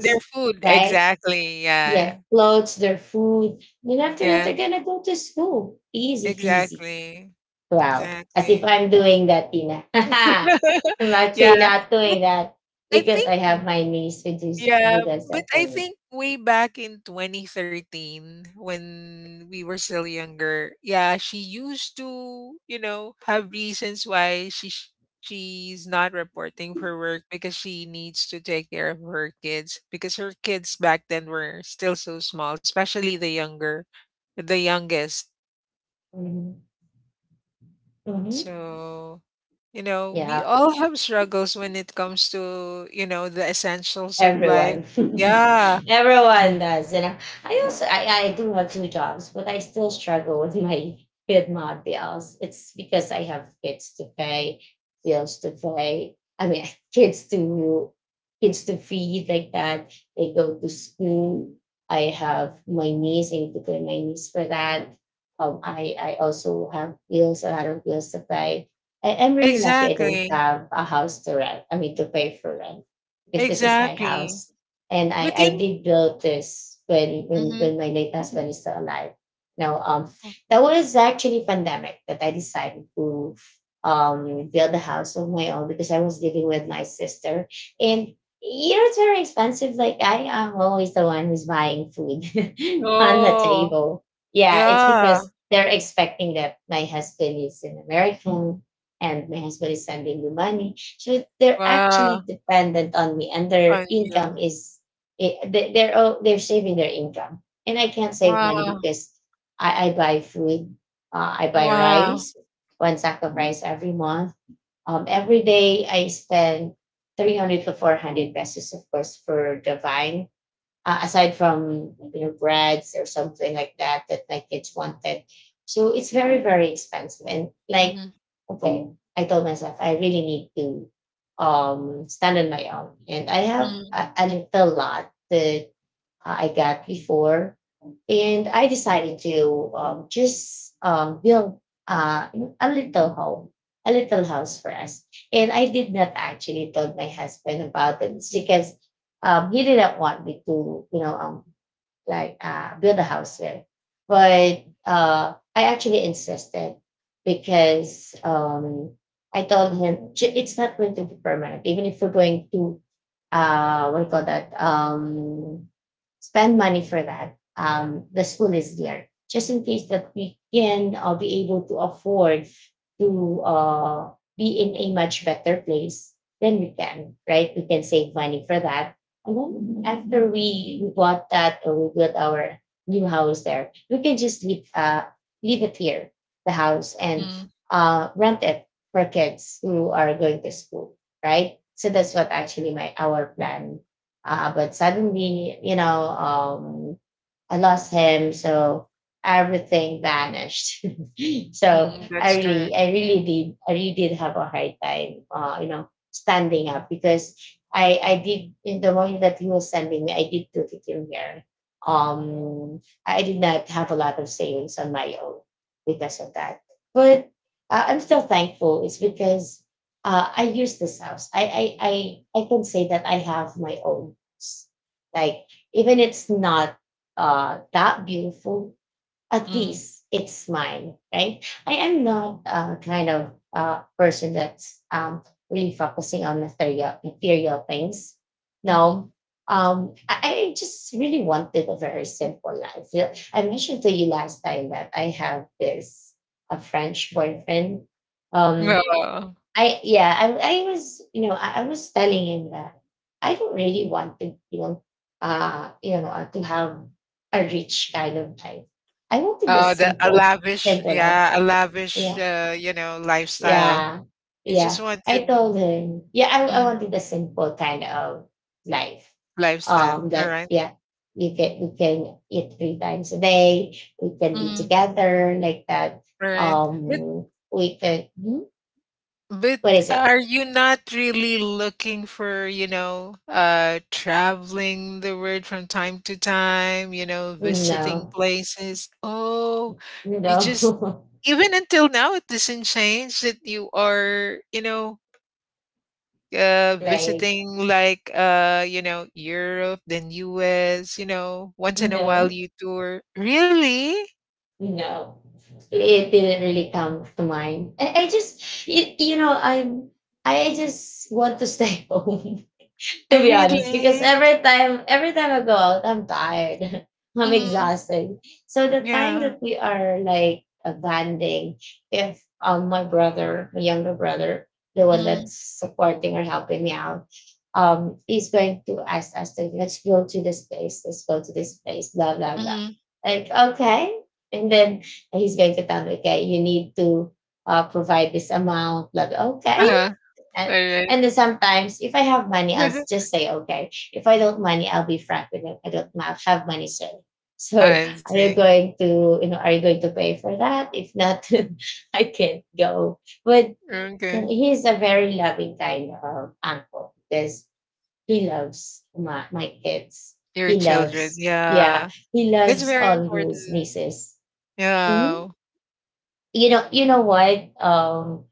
B: their food,
A: right?
B: exactly. Yeah.
A: Yeah, clothes, their food. Then after that,
B: Yeah.
A: they're gonna go to school. Easy peasy.
B: Exactly.
A: Wow, as if
B: Exactly.
A: I'm doing that, Tina. (laughs)
B: (laughs)
A: I'm actually
B: Yeah.
A: not
B: But
A: doing that
B: I
A: because
B: think
A: I have my niece with,
B: Yeah,
A: with us
B: but
A: at
B: I
A: home.
B: think way back in 2013 when we were still younger, yeah, she used to, have reasons why she's not reporting for work because she needs to take care of her kids because her kids back then were still so small, especially the younger, the youngest.
A: Mhm. Mhm.
B: So, we
A: Yeah.
B: all have struggles when it comes to, the essentials of life.
A: Everyone, (laughs)
B: Yeah.
A: everyone does. You know, I also I do have two jobs, but I still struggle with my bills. It's because I have kids to pay, bills to pay. I mean, (laughs) kids to kids to feed like that. They go to school. I have my niece. I need to pay my niece for that. I also have bills, a lot of bills to pay. I'm really lucky. I don't
B: Exactly,
A: have a house to rent. I mean, to pay for rent because this is my
B: exactly.
A: house. And I,
B: But
A: I
B: yun.
A: did build this when, when
B: Mhm.
A: when my late husband is still alive. Now, that was actually pandemic that I decided to, build a house of my own because I was living with my sister. And you know it's very expensive. Like, I am always the one who's buying food (laughs) on the
B: Oh,
A: table. Yeah, it's
B: yeah.
A: because they're expecting that my husband is an American and my husband is sending me money. So they're actually
B: Wow,
A: dependent on me, and their
B: on
A: income
B: you.
A: is, they're saving their income, and I can't save money
B: Wow,
A: because I buy food, I buy
B: wow.
A: rice, one sack of rice every month. Every day I spend 300 to 400 pesos, of course, for the vine. Aside from, you know, breads or something like that that my kids wanted, so it's very very expensive, and like,
B: Mhm.
A: okay, I told myself I really need to, stand on my own. And I have
B: Mm,
A: a little lot that, I got before. And I decided to, just, build, uh, a little home, a little house for us. And I did not actually told my husband about it because, he didn't want me to, you know, like, build a house with. But I actually insisted because I told him, "J- it's not going to be permanent. Even if we're going to, what do you call that, spend money for that, the school is there just in case that we can be able to afford to be in a much better place. Then we can, right? We can save money for that, and then after we bought that or we built our new house there, we can just leave it here, the house, and
B: mm,
A: rent it for kids who are going to school, right? So that's what actually my our plan. But suddenly, I lost him, so everything vanished. (laughs) So
B: mm,
A: I
B: that's
A: really,
B: correct.
A: I really did, I really did have a hard time, standing up because I did in the morning that he was sending me, I did do the team here. Um, I did not have a lot of savings on my own because of that, but I'm still thankful. It's because I use this house. I can say that I have my own house. Like, even it's not that beautiful, at
B: Mm.
A: least it's mine, right? I am not kind of person that's really focusing on material things.
B: Mhm.
A: No, I just really wanted a very simple life. Yeah, I mentioned to you last time that I have this, a French boyfriend. Um,
B: Wow.
A: I, yeah, I was, you know, I was telling him that I don't really want to, you know, to have a rich kind of life. I wanted the
B: Oh, the a
A: simple
B: lavish,
A: simple life.
B: yeah, a lavish,
A: Yeah,
B: lifestyle.
A: yeah,
B: You just
A: yeah. I
B: wanted,
A: told him, yeah, I
B: mm,
A: wanted the simple kind of life.
B: lifestyle. All
A: That
B: right.
A: yeah you can, we can eat three times a day. We can be
B: Mhm.
A: together like that.
B: All right. But
A: We can, hmm?
B: But
A: What is
B: are
A: it?
B: you not really looking for, traveling the world from time to time, visiting
A: No.
B: places? Oh, you just
A: No. (laughs)
B: even until now it doesn't change that you are,
A: Like,
B: visiting like Europe, then US, once in a while
A: no,
B: you tour. Really?
A: no. It didn't really come to mind. I just, you know, I just want to stay (laughs) home. (laughs)
B: I
A: To be honest, because
B: really?
A: every time I go out, I'm tired. (laughs) I'm
B: Mm-hmm.
A: exhausted. So the time
B: Yeah.
A: that we are like bonding, if my brother, my younger brother, the one
B: Mm-hmm.
A: that's supporting or helping me out, is going to ask us to, let's go to this place, let's go to this place, blah blah blah. Like, okay, and then he's going to tell me, okay, you need to provide this amount, blah blah. Okay,
B: uh All
A: and
B: right.
A: and then sometimes if I have money, I'll
B: (laughs)
A: just say okay. If I don't money, I'll be frank with them. I don't ma- have money, sir. (laughs) So
B: I
A: are you
B: see.
A: going to, you know, are you going to pay for that? If not, (laughs) I can't go. But
B: Okay.
A: he's a very loving kind of uncle because he loves my kids.
B: Your
A: He
B: children,
A: loves, yeah,
B: yeah.
A: he
B: That's
A: loves
B: very
A: all his
B: important.
A: nieces. Mhm.
B: Yeah.
A: You know, you know what um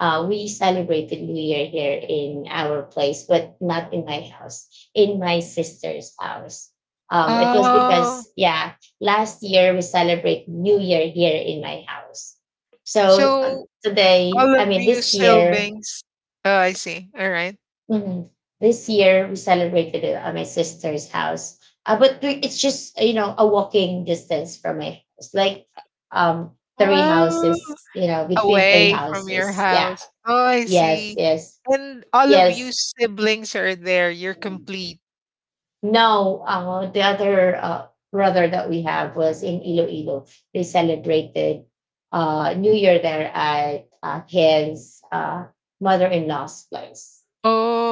A: uh, we celebrated New Year here in our place but not in my house, in my sister's house. It was
B: Oh,
A: because, yeah, last year we celebrate New Year here in my house, so
B: so all
A: today I
B: of
A: mean
B: you
A: this year—
B: siblings. Oh, I see. All right.
A: Mhm. This year we celebrated it at my sister's house. But we- it's just, you know, a walking distance from my house, like three
B: Oh,
A: houses, you know, between three
B: away from your
A: houses. Yeah.
B: house. Oh, I
A: Yes.
B: see.
A: Yes.
B: And all of you
A: Yes.
B: siblings are there. You're complete.
A: No. The other brother that we have was in Iloilo. They celebrated New Year there at his mother-in-law's place.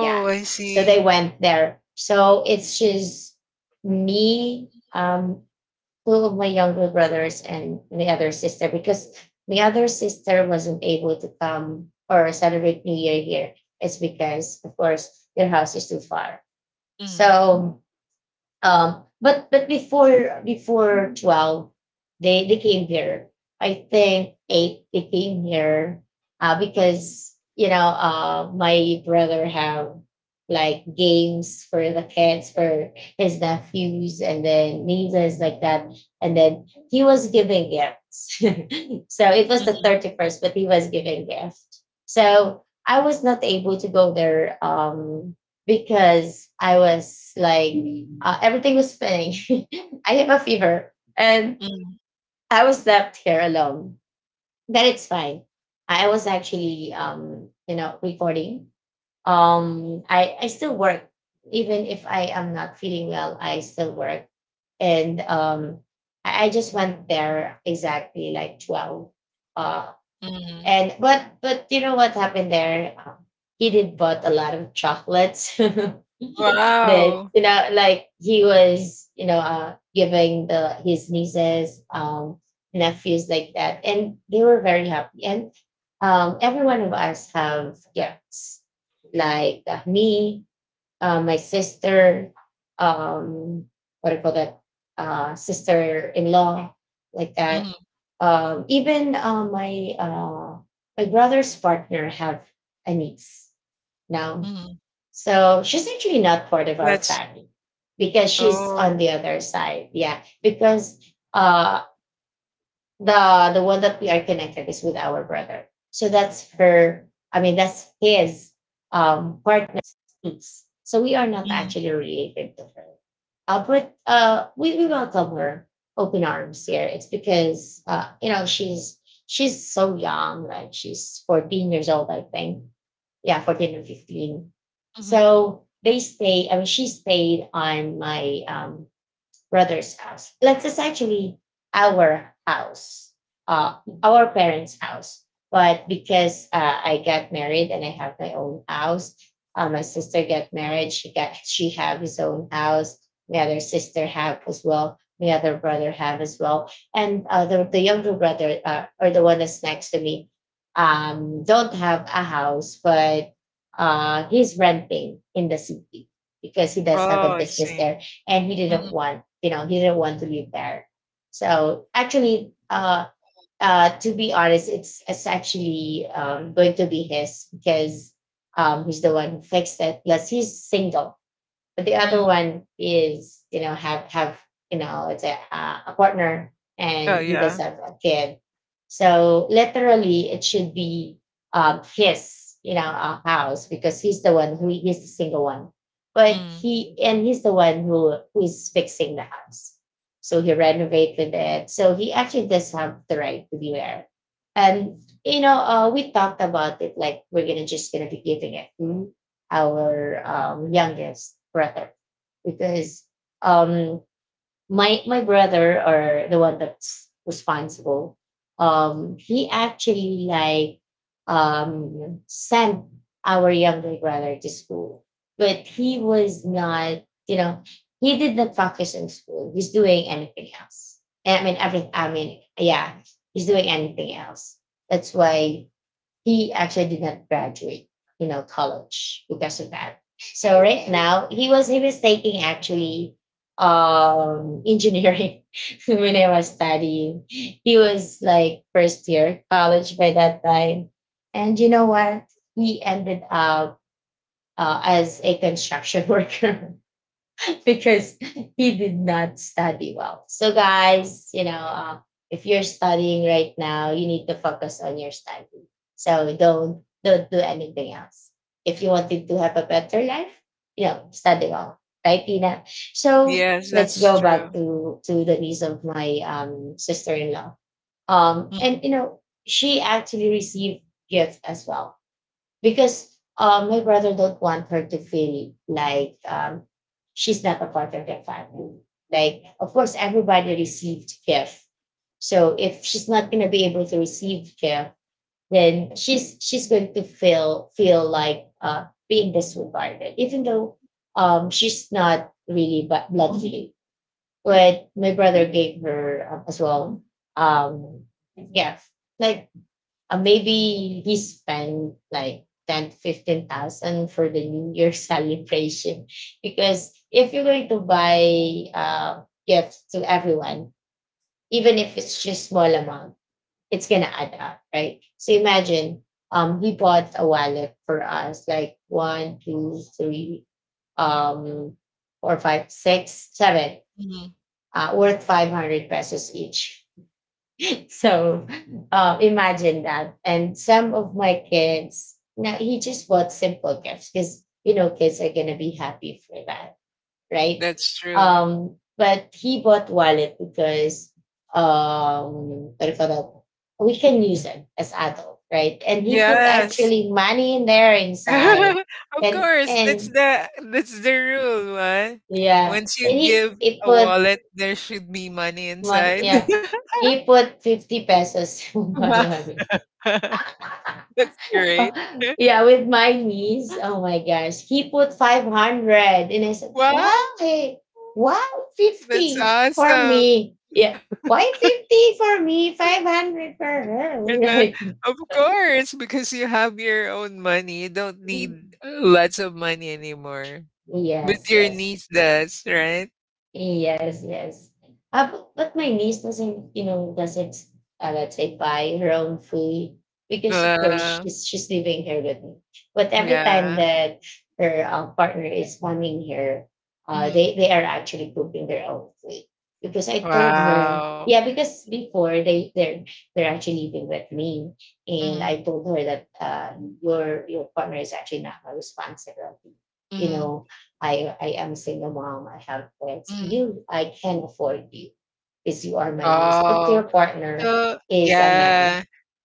A: Yeah.
B: I
A: So they
B: see.
A: went there. So it's just me, two of my younger brothers, and my other sister because my other sister wasn't able to come or celebrate New Year here. It's because, of course, their house is too far.
B: Mm,
A: So but before twelve, they came here. I think eight they came here because, you know, my brother have like games for the kids, for his nephews and then nieces like that, and then he was giving gifts. (laughs) So it was the
B: mhm,
A: 31st, but he was giving gift, so I was not able to go there because I was like, everything was spinning. (laughs) I have a fever, and
B: mhm,
A: I was left here alone. Then it's fine. I was actually, you know, recording. I still work, even if I am not feeling well. I still work, and I just went there exactly like twelve. Uh,
B: mhm.
A: and but you know what happened there? He did bought a lot of chocolates. (laughs) That,
B: Wow.
A: you know, like he was, you know, giving the his nieces, nephews like that, and they were very happy. And every one of us have gifts, like me, my sister, um, what do you call that, sister in law, like
B: Mhm,
A: that. Even my my brother's partner have a niece now,
B: mhm.
A: so she's actually not part of our
B: That's.
A: family because she's
B: Oh.
A: on the other side. Yeah, because uh, the one that we are connected is with our brother. So that's her. I mean, that's his partner's piece. So we are not
B: Mhm,
A: actually related to her. But we welcome her open arms here. It's because, you know, she's so young, like she's 14 years old, I think. Yeah, 14 or 15.
B: mhm.
A: So they stay, I mean, she stayed on my brother's house. That's essentially our house, our parents' house. But because I got married and I have my own house, my sister got married. She got, she have his own house. My other sister have as well. My other brother have as well. And the younger brother or the one that's next to me, don't have a house, but he's renting in the city because he does have
B: Oh,
A: a
B: I
A: business
B: see.
A: there, and he didn't
B: Mhm.
A: want, you know, he didn't want to live there. So actually, to be honest, it's actually going to be his because he's the one who fixed it, plus he's single. But the other
B: Mm.
A: one is, you know, have you know, it's a partner,
B: Oh,
A: and he does
B: yeah.
A: have a kid. So literally, it should be his, you know, house because he's the one who, he's the single one. But
B: Mm.
A: he, and he's the one who, is fixing the house. So he renovated it. So he actually does have the right to be there. And you know, we talked about it, like we're gonna just gonna be giving it. Hmm? Our youngest brother because um, my brother or the one that's responsible, he actually like, sent our younger brother to school, but he was not, you know, he did not focus on school. He's doing anything else. I mean everything, I mean, yeah, he's doing anything else. That's why he actually did not graduate, you know, college because of that. So right now, he was taking actually engineering (laughs) when I was studying. He was like first year college by that time. And you know what? He ended up as a construction (laughs) worker because he did not study well. So, guys, you know, if you're studying right now, you need to focus on your study. So don't do anything else. If you wanted to have a better life, you know, study well, right, Tina? So
B: Yes,
A: let's
B: that's
A: go back
B: true.
A: to the niece of my sister-in-law.
B: Mm,
A: And you know, she actually received gift as well because my brother don't want her to feel like, she's not a part of their family. Like, of course, everybody received care. So if she's not gonna be able to receive care, then she's going to feel like being disregarded, even though, she's not really bu- blood related. But my brother gave her as well. Um, yeah, like maybe he spent like 10, 15,000 for the New Year (laughs) celebration. Because if you're going to buy gifts to everyone, even if it's just small amount, it's going to add up, right? So imagine, he bought a wallet for us, like one, two, three, um, four, five, six, seven,
B: mhm.
A: worth 500 pesos each. So imagine that. And some of my kids, now he just bought simple gifts because you know kids are gonna be happy for that, right?
B: That's true.
A: But he bought wallet because, what do you call that? We can use them as adult, right? And he put
B: Yes.
A: actually money in there inside,
B: (laughs) Of course, that's
A: and
B: the that's the rule, right?
A: yeah,
B: Once
A: and
B: you
A: he
B: give
A: he
B: a
A: put
B: wallet, there should be money
A: one,
B: inside. (laughs)
A: yeah, he put 50 pesos (laughs) in my
B: Wow.
A: wallet.
B: (laughs) That's
A: (laughs)
B: great.
A: Uh, yeah, with my niece. Oh
B: (laughs)
A: my gosh. He put 500 and I said, wow,
B: Wow,
A: hey, wow,
B: that's
A: 50 for
B: awesome.
A: me. Yeah. Why 50 for me? 500 for her.
B: And the
A: (laughs)
B: of course, because you have your own money, you don't
A: Like,
B: need lots of money anymore. With
A: yes,
B: your
A: yes.
B: niece does, right?
A: Yes, yes. But my niece doesn't, you know, doesn't, let's say, buy her own food because, of course,
B: Wow.
A: she's living here with me. But every time
B: Yeah.
A: that her partner is coming here, they
B: Mhm.
A: they are actually cooking their own food because I told her,
B: Wow.
A: yeah, because before they're actually living with me, and
B: Mhm,
A: I told her that your partner is actually not my responsibility, you
B: mhm,
A: know. I am single mom. I have kids.
B: mhm.
A: You, I can afford you because you are my niece. But your
B: Oh,
A: partner
B: so
A: is a
B: yeah.
A: man,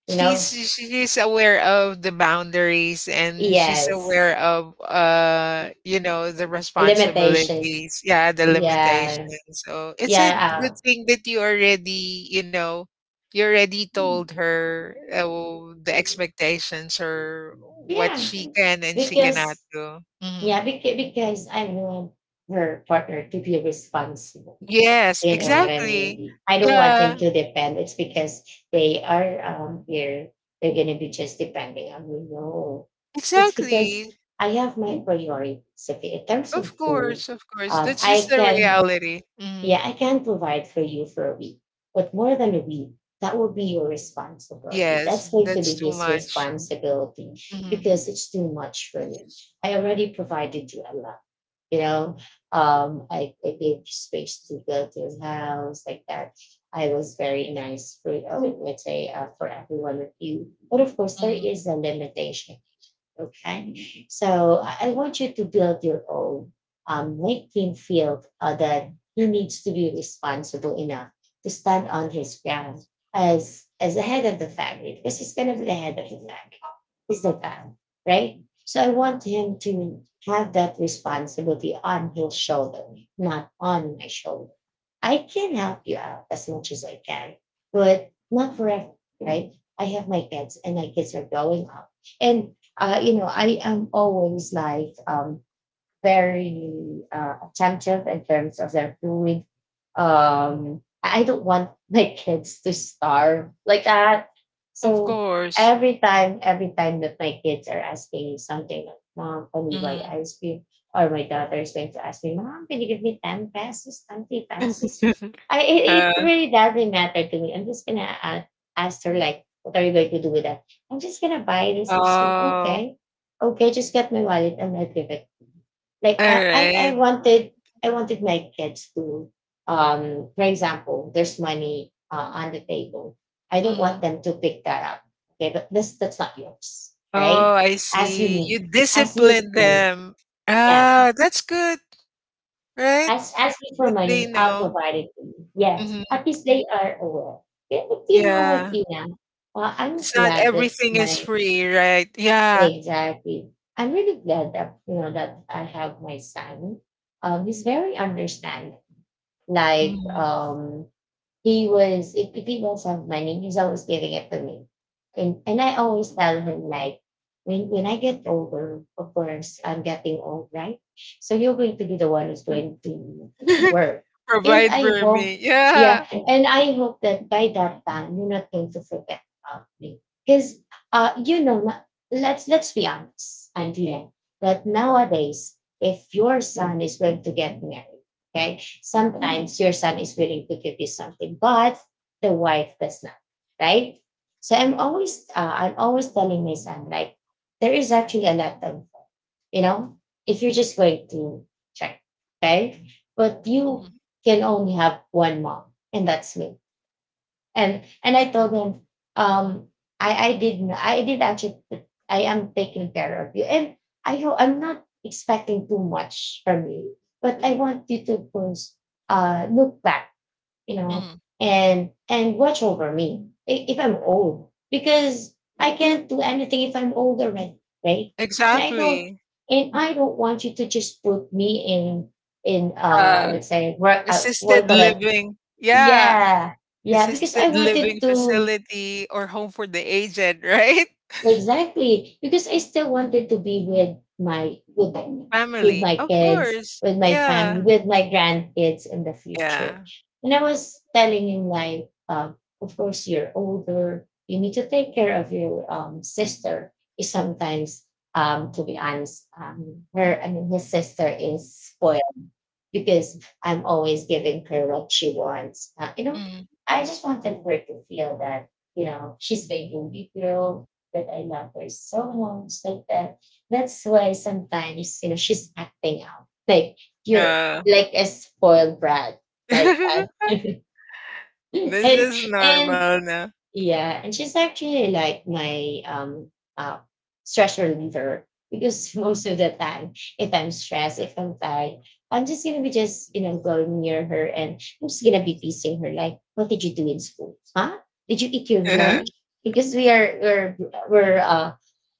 A: you
B: She's
A: know?
B: she's aware of the boundaries, and she's
A: Yes.
B: aware of the
A: Limitations.
B: responsibilities, yeah, the limitations.
A: Yeah.
B: So it's a
A: Yeah.
B: good thing that you already
A: Uh,
B: told her the expectations or what
A: yeah.
B: she can and she cannot
A: Because,
B: do. Hmm.
A: because I want her partner to be responsible.
B: Yes,
A: You know what I
B: exactly.
A: mean? I don't want him
B: Yeah,
A: to depend. It's because they are here. They're gonna be just depending on me. No, it's because
B: exactly.
A: I have my priorities. Okay, in terms of
B: Of
A: food,
B: course, of course. That's just
A: I
B: the
A: can
B: reality.
A: yeah,
B: Mhm.
A: I can provide for you for a week, but more than a week, that will be your responsibility.
B: Yes,
A: That's going to
B: that's
A: be
B: too
A: his
B: much.
A: responsibility
B: Mhm,
A: because it's too much for me. I already provided you a lot, you know, I gave space to build his house like that. I was very nice for, I mean, let's say, for every one of you. But of course, there
B: mhm.
A: is a limitation. Okay. So I want you to build your own. Make him feel that he needs to be responsible enough to stand on his ground as the head of the family because he's gonna be the head of the family. He's the guy, right? So I want him to have that responsibility on his shoulder, not on my shoulder. I can help you out as much as I can, but not forever, right? I have my kids, and my kids are growing up, and you know, I am always like very attentive in terms of their food. I don't want my kids to starve like that.
B: Of
A: So
B: course.
A: every time that my kids are asking me something like, Mom, can we buy
B: Mhm.
A: ice cream? Or my daughter is going to ask me, Mom, can you give me 10 pesos, 20 pesos?
B: (laughs)
A: I, it, it
B: Uh,
A: really doesn't matter to me. I'm just going to ask her, like, what are you going to do with that? I'm just going to buy this. I'm just going to,
B: oh,
A: okay, okay, just get my wallet and I'll give it like
B: alright.
A: I wanted my kids to for example, there's money on the table. I don't
B: Mm.
A: want them to pick that up. Okay, but this that's not yours. All
B: Oh,
A: right?
B: I
A: Ask
B: see.
A: you
B: You
A: ask me
B: discipline
A: for money.
B: them.
A: Yeah.
B: Ah, that's good, right?
A: Ask me for
B: That they
A: money, I'll
B: know.
A: provide it to you. Yes.
B: Mhm.
A: At least they are aware. Yeah, but you know what,
B: Yeah.
A: Ina? Well, I'm
B: It's not
A: glad that
B: everything is
A: my
B: free, right? Yeah.
A: exactly. I'm really glad that you know that I have my son. He's very understanding. Like
B: Mhm.
A: he was if he doesn't have money, he's always giving it to me. And I always tell him like when I get older, of course I'm getting old, right? So you're going to be the one who's going to, you know,
B: (laughs)
A: work. And
B: Provide
A: I
B: for
A: hope
B: me. Yeah.
A: yeah, and I hope that by that time you're not going to forget about me. Because you know let's be honest, Andrea, that nowadays if your son is going to get married. Okay. Sometimes your son is willing to give you something, but the wife does not, right? So I'm always telling my son, like, there is actually a lot of, you know, if you're just going to check, okay? But you
B: Mhm,
A: can only have one mom, and that's me, and I told him, um, I did n- I did actually t- I am taking care of you, and I'm not expecting too much from you, but I want you to first look back, you know,
B: mhm.
A: and watch over me if I'm old because I can't do anything if I'm old already, right? And I don't
B: Exactly.
A: and I don't want you to just put me in
B: Uh,
A: let's say work what do you
B: Assisted
A: call that.
B: living. Yeah.
A: yeah, yeah, because
B: Assisted
A: I
B: living
A: wanted to
B: facility or home for the aged, right? (laughs)
A: exactly because I still wanted to be with my, with
B: Family,
A: my
B: of
A: kids,
B: course.
A: with my family,
B: Yeah,
A: with my grandkids in the future.
B: yeah.
A: And I was telling him like, of course you're older, you need to take care of your sister. Is sometimes to be honest, her I mean his sister is spoiled because I'm always giving her what she wants. You know,
B: Mm.
A: I just wanted her to feel that, you know, she's my baby girl, that I love her so much, like that. That's why sometimes, you know, she's acting out. Like you're
B: Yeah.
A: like a spoiled brat, like
B: (laughs)
A: that. (laughs)
B: This
A: and
B: is
A: and
B: normal now.
A: yeah, and she's actually like my uh stress reliever because (laughs) most of the time, if I'm stressed, if I'm tired, I'm just gonna be just, you know, going near her and I'm just gonna be teasing her like, "What did you do in school? Huh? Did you eat your lunch?"
B: (laughs)
A: Because we are we're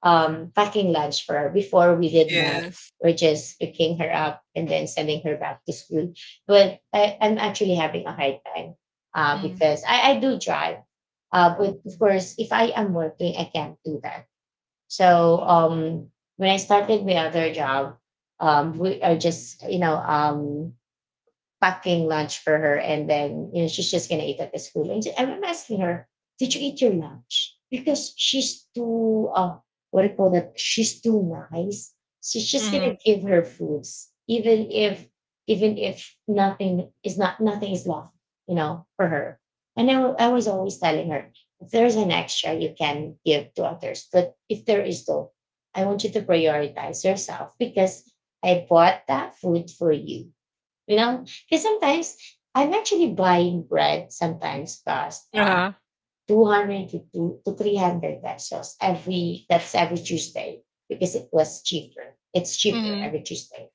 A: packing lunch for her before we did not.
B: Yes.
A: We're just picking her up and then sending her back to school. But I'm actually having a hard time
B: Mm.
A: I do drive, but of course, if I am working, I can't do that. So when I started my other job, we are just, you know, packing lunch for her and then, you know, she's just gonna eat at the school and I'm asking her, did you eat your lunch, because she's too what do you call that she's too nice. She's just gonna
B: Mhm.
A: give her foods even if nothing is not nothing is left, you know, for her. And I was always telling her if there's an extra you can give to others, but if there is though, I want you to prioritize yourself because I bought that food for you, you know, because sometimes I'm actually buying bread sometimes cost
B: Uh-huh.
A: 200 to, 300 pesos every, that's every Tuesday because it was cheaper. It's cheaper
B: Mhm.
A: every Tuesday.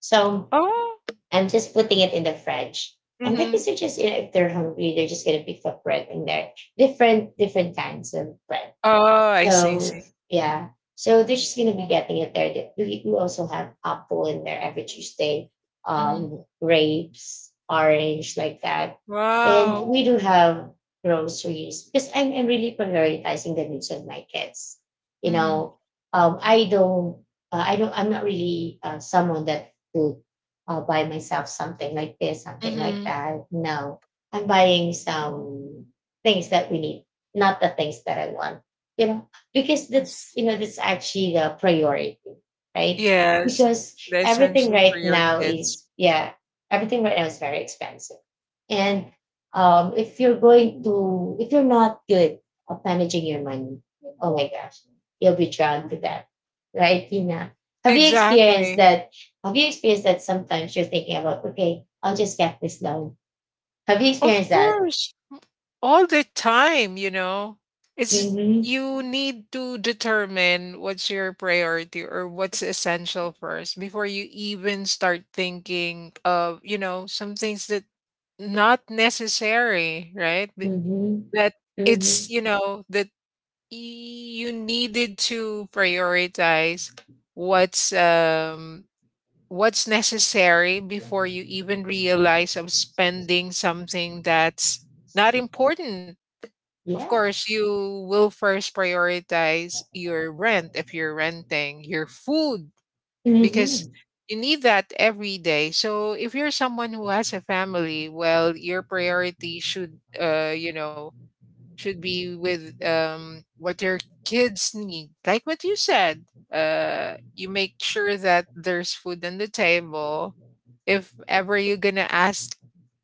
A: So
B: Oh.
A: I'm just putting it in the fridge. And the
B: Mhm.
A: kids are just, you know, if they're hungry, they're just going to pick up bread in there. Different kinds of bread,
B: Oh, I see,
A: so
B: see.
A: yeah, so they're just gonna be getting it there. We also have apple in there every Tuesday,
B: Mhm.
A: grapes, orange, like that, and
B: Wow.
A: we do have groceries because I'm really prioritizing the needs of my kids. You
B: Mhm.
A: know, um, I don't, I don't, I'm not really, someone that would buy myself something like this, something like
B: Mhm.
A: that. No, I'm buying some things that we need, not the things that I want, you know, because that's, you know, that's actually the priority, right?
B: Yes.
A: Because
B: The
A: everything
B: essential for
A: right
B: your
A: now
B: kids.
A: is yeah, everything right now is very expensive. And um, if you're going to if you're not good at managing your money, oh my gosh, you'll be drowned to death, right, Tina? Have you experienced
B: Exactly.
A: that? Have you experienced that sometimes you're thinking about, okay, I'll just get this loan? Have you
B: Of
A: experienced that?
B: course, all the time, you know. It's
A: Mm-hmm.
B: You need to determine what's your priority or what's essential first before you even start thinking of, some things that not necessary, right?
A: Mm-hmm.
B: That it's,
A: Mm-hmm.
B: you know, that you needed to prioritize what's um what's necessary before you even realize of spending something that's not important. Of
A: Yeah.
B: course, you will first prioritize your rent if you're renting, your food,
A: Mm-hmm.
B: because you need that every day. So if you're someone who has a family, well, your priority should, should be with what their kids need. Like what you said, you make sure that there's food on the table. If ever you're gonna ask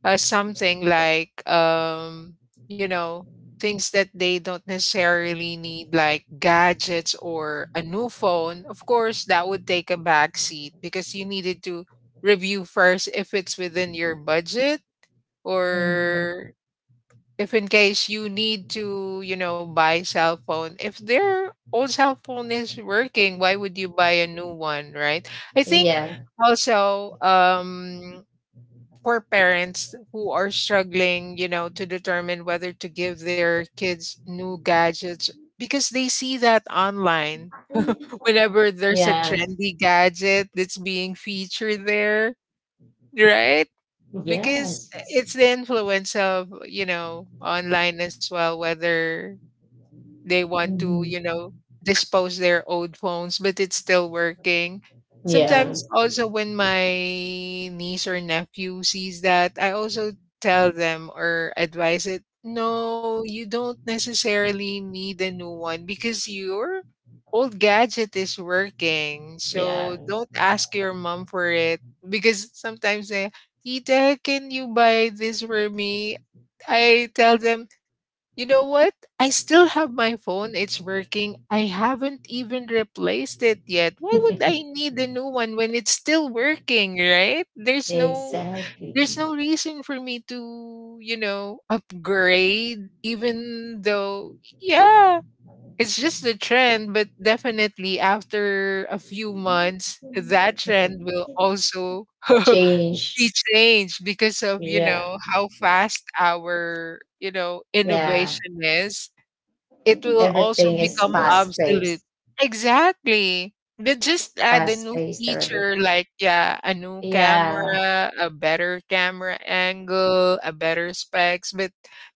B: something like, you know, things that they don't necessarily need, like gadgets or a new phone. Of course, that would take a back seat because you needed to review first if it's within your budget,
A: Mm-hmm.
B: or if in case you need to, you know, buy cell phone. If their old cell phone is working, why would you buy a new one, right? I think also for parents who are struggling, you know, to determine whether to give their kids new gadgets because they see that online whenever there's a
A: Yeah.
B: trendy gadget that's being featured there, right?
A: Yeah.
B: Because it's the influence of, you know, online as well, whether they want to, you
A: Mhm.
B: know, dispose their old phones, but it's still working. Sometimes also when my niece or nephew sees that, I also tell them or advise it, no, you don't necessarily need a new one because your old gadget is working. So don't ask your mom for it because sometimes they, Tita, can you buy this for me? I tell them, you know what? I still have my phone. It's working. I haven't even replaced it yet. Why would I need a new one when it's still working, right?
A: Exactly.
B: There's no reason for me to, you know, upgrade, even though, yeah, it's just a trend, but definitely after a few months that trend will also (laughs) be
A: Change.
B: changed because of, you
A: Yeah.
B: know, how fast our, you know,
A: Yeah.
B: innovation is. It will also
A: Everything is
B: become
A: fast
B: obsolete.
A: paced.
B: Exactly. They just add a
A: Fast
B: new
A: paced already.
B: feature like, yeah, a new
A: Yeah.
B: camera, a better camera angle, a better specs. But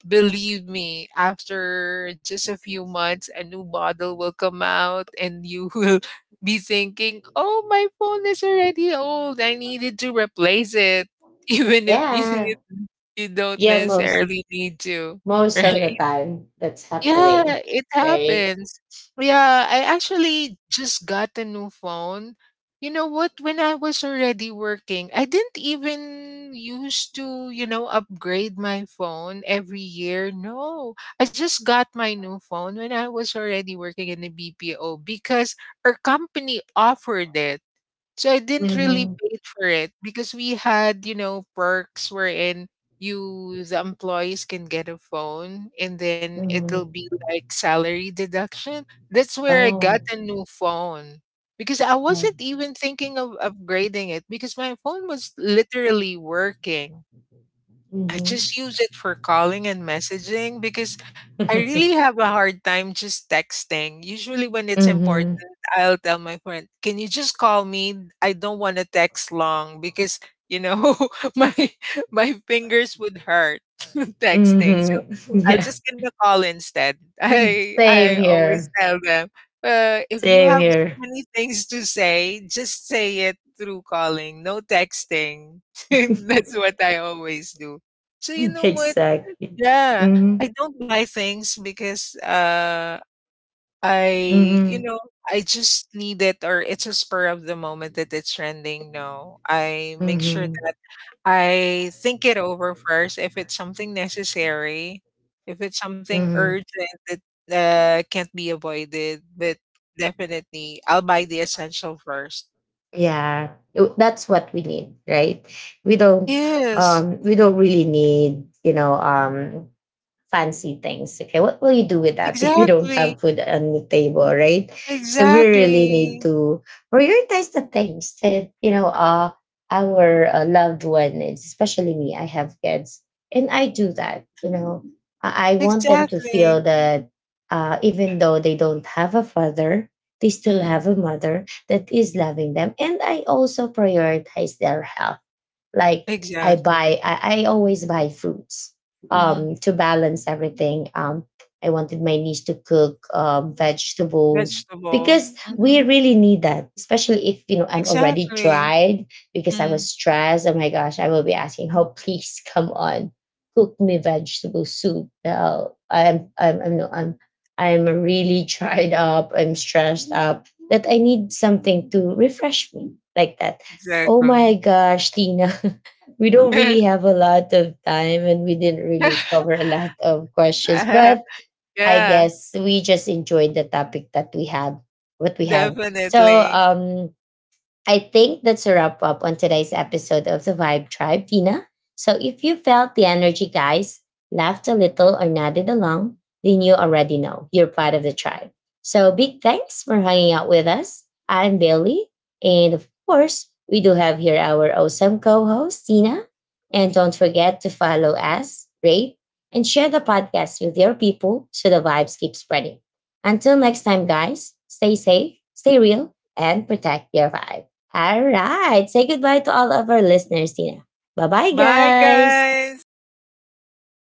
B: believe me, after just a few months, a new model will come out and you (laughs) will be thinking, oh, my phone is already old, I needed to replace it, (laughs) even if you,
A: Yeah.
B: (laughs) you don't
A: Yeah. Most
B: necessarily need to, (laughs)
A: most of the
B: right?
A: time that's
B: Yeah,
A: happening.
B: it
A: Right?
B: happens. Yeah, I actually just got a new phone. You know what? When I was already working, I didn't even used to, you know, upgrade my phone every year. No, I just got my new phone when I was already working in the BPO because our company offered it. So I didn't really
A: Mm-hmm.
B: pay for it because we had, you know, perks wherein you the employees can get a phone and then it'll be
A: Mm-hmm.
B: like salary deduction. That's where I got
A: Oh.
B: a new phone. Because I wasn't even thinking of upgrading it because my phone was literally working. I just
A: Mm-hmm.
B: use it for calling and messaging because I really
A: (laughs)
B: have a hard time just texting. Usually, when it's important,
A: Mhm.
B: I'll tell my friend, "Can you just call me? I don't want to text long because, you know, (laughs) my my fingers would hurt (laughs) texting." So
A: Mhm. (laughs)
B: I'll
A: Yeah.
B: just gonna call instead. (laughs) I
A: Same
B: always
A: here.
B: tell them, if you
A: Same
B: have so
A: here.
B: many things to say, just say it through calling, no texting. (laughs) That's what I always do. So you
A: (laughs)
B: know what?
A: Exact.
B: Yeah,
A: Mhm.
B: I don't buy things because I you
A: Mhm.
B: know I just need it, or it's a spur of the moment that it's trending. No, I make sure
A: Mhm.
B: that I think it over first if it's something necessary, if it's something urgent
A: Mhm.
B: that can't be avoided, but definitely I'll buy the essential first.
A: Yeah, that's what we need, right? We don't,
B: Yes,
A: we don't really need, you know, fancy things. Okay, what will you do with that (laughs) if you don't
B: exactly,
A: have food on the table, right? So we really need
B: exactly,
A: to prioritize the things that, you know, our loved ones, especially me. I have kids, and I do that. You know, I want them to
B: exactly.
A: feel that even though they don't have a father. They still have a mother that is loving them. And I also prioritize their health like
B: Exactly.
A: I always buy fruits. Mhm. Um,
B: Mhm.
A: to balance everything. I wanted my niece to cook vegetables
B: Vegetable.
A: because we
B: Mhm.
A: really need that, especially if you know I'm already
B: Exactly.
A: dried because I was
B: Mm.
A: stressed. Oh my gosh, I will be asking, "Oh, please come on, cook me vegetable soup." Now I'm, no, I'm really dried up. I'm stressed up that I need something to refresh me like that. Oh my
B: Exactly.
A: gosh, Tina. (laughs) We don't really
B: (laughs)
A: have a lot of time and we didn't really cover a lot of questions, but
B: (laughs)
A: I
B: Yeah,
A: guess we just enjoyed the topic that we had, what we have. So,
B: definitely.
A: um, I think that's a wrap up on today's episode of the Vibe Tribe, Tina. So if you felt the energy, guys, laughed a little or nodded along, then you already know you're part of the tribe. So big thanks for hanging out with us. I'm Bailey. And of course, we do have here our awesome co host, Tina. And don't forget to follow us, rate, and share the podcast with your people so the vibes keep spreading. Until next time, guys, stay safe, stay real, and protect your vibe. All right. Say goodbye to all of our listeners, Tina. Bye bye,
B: Bye,
A: guys.
B: guys.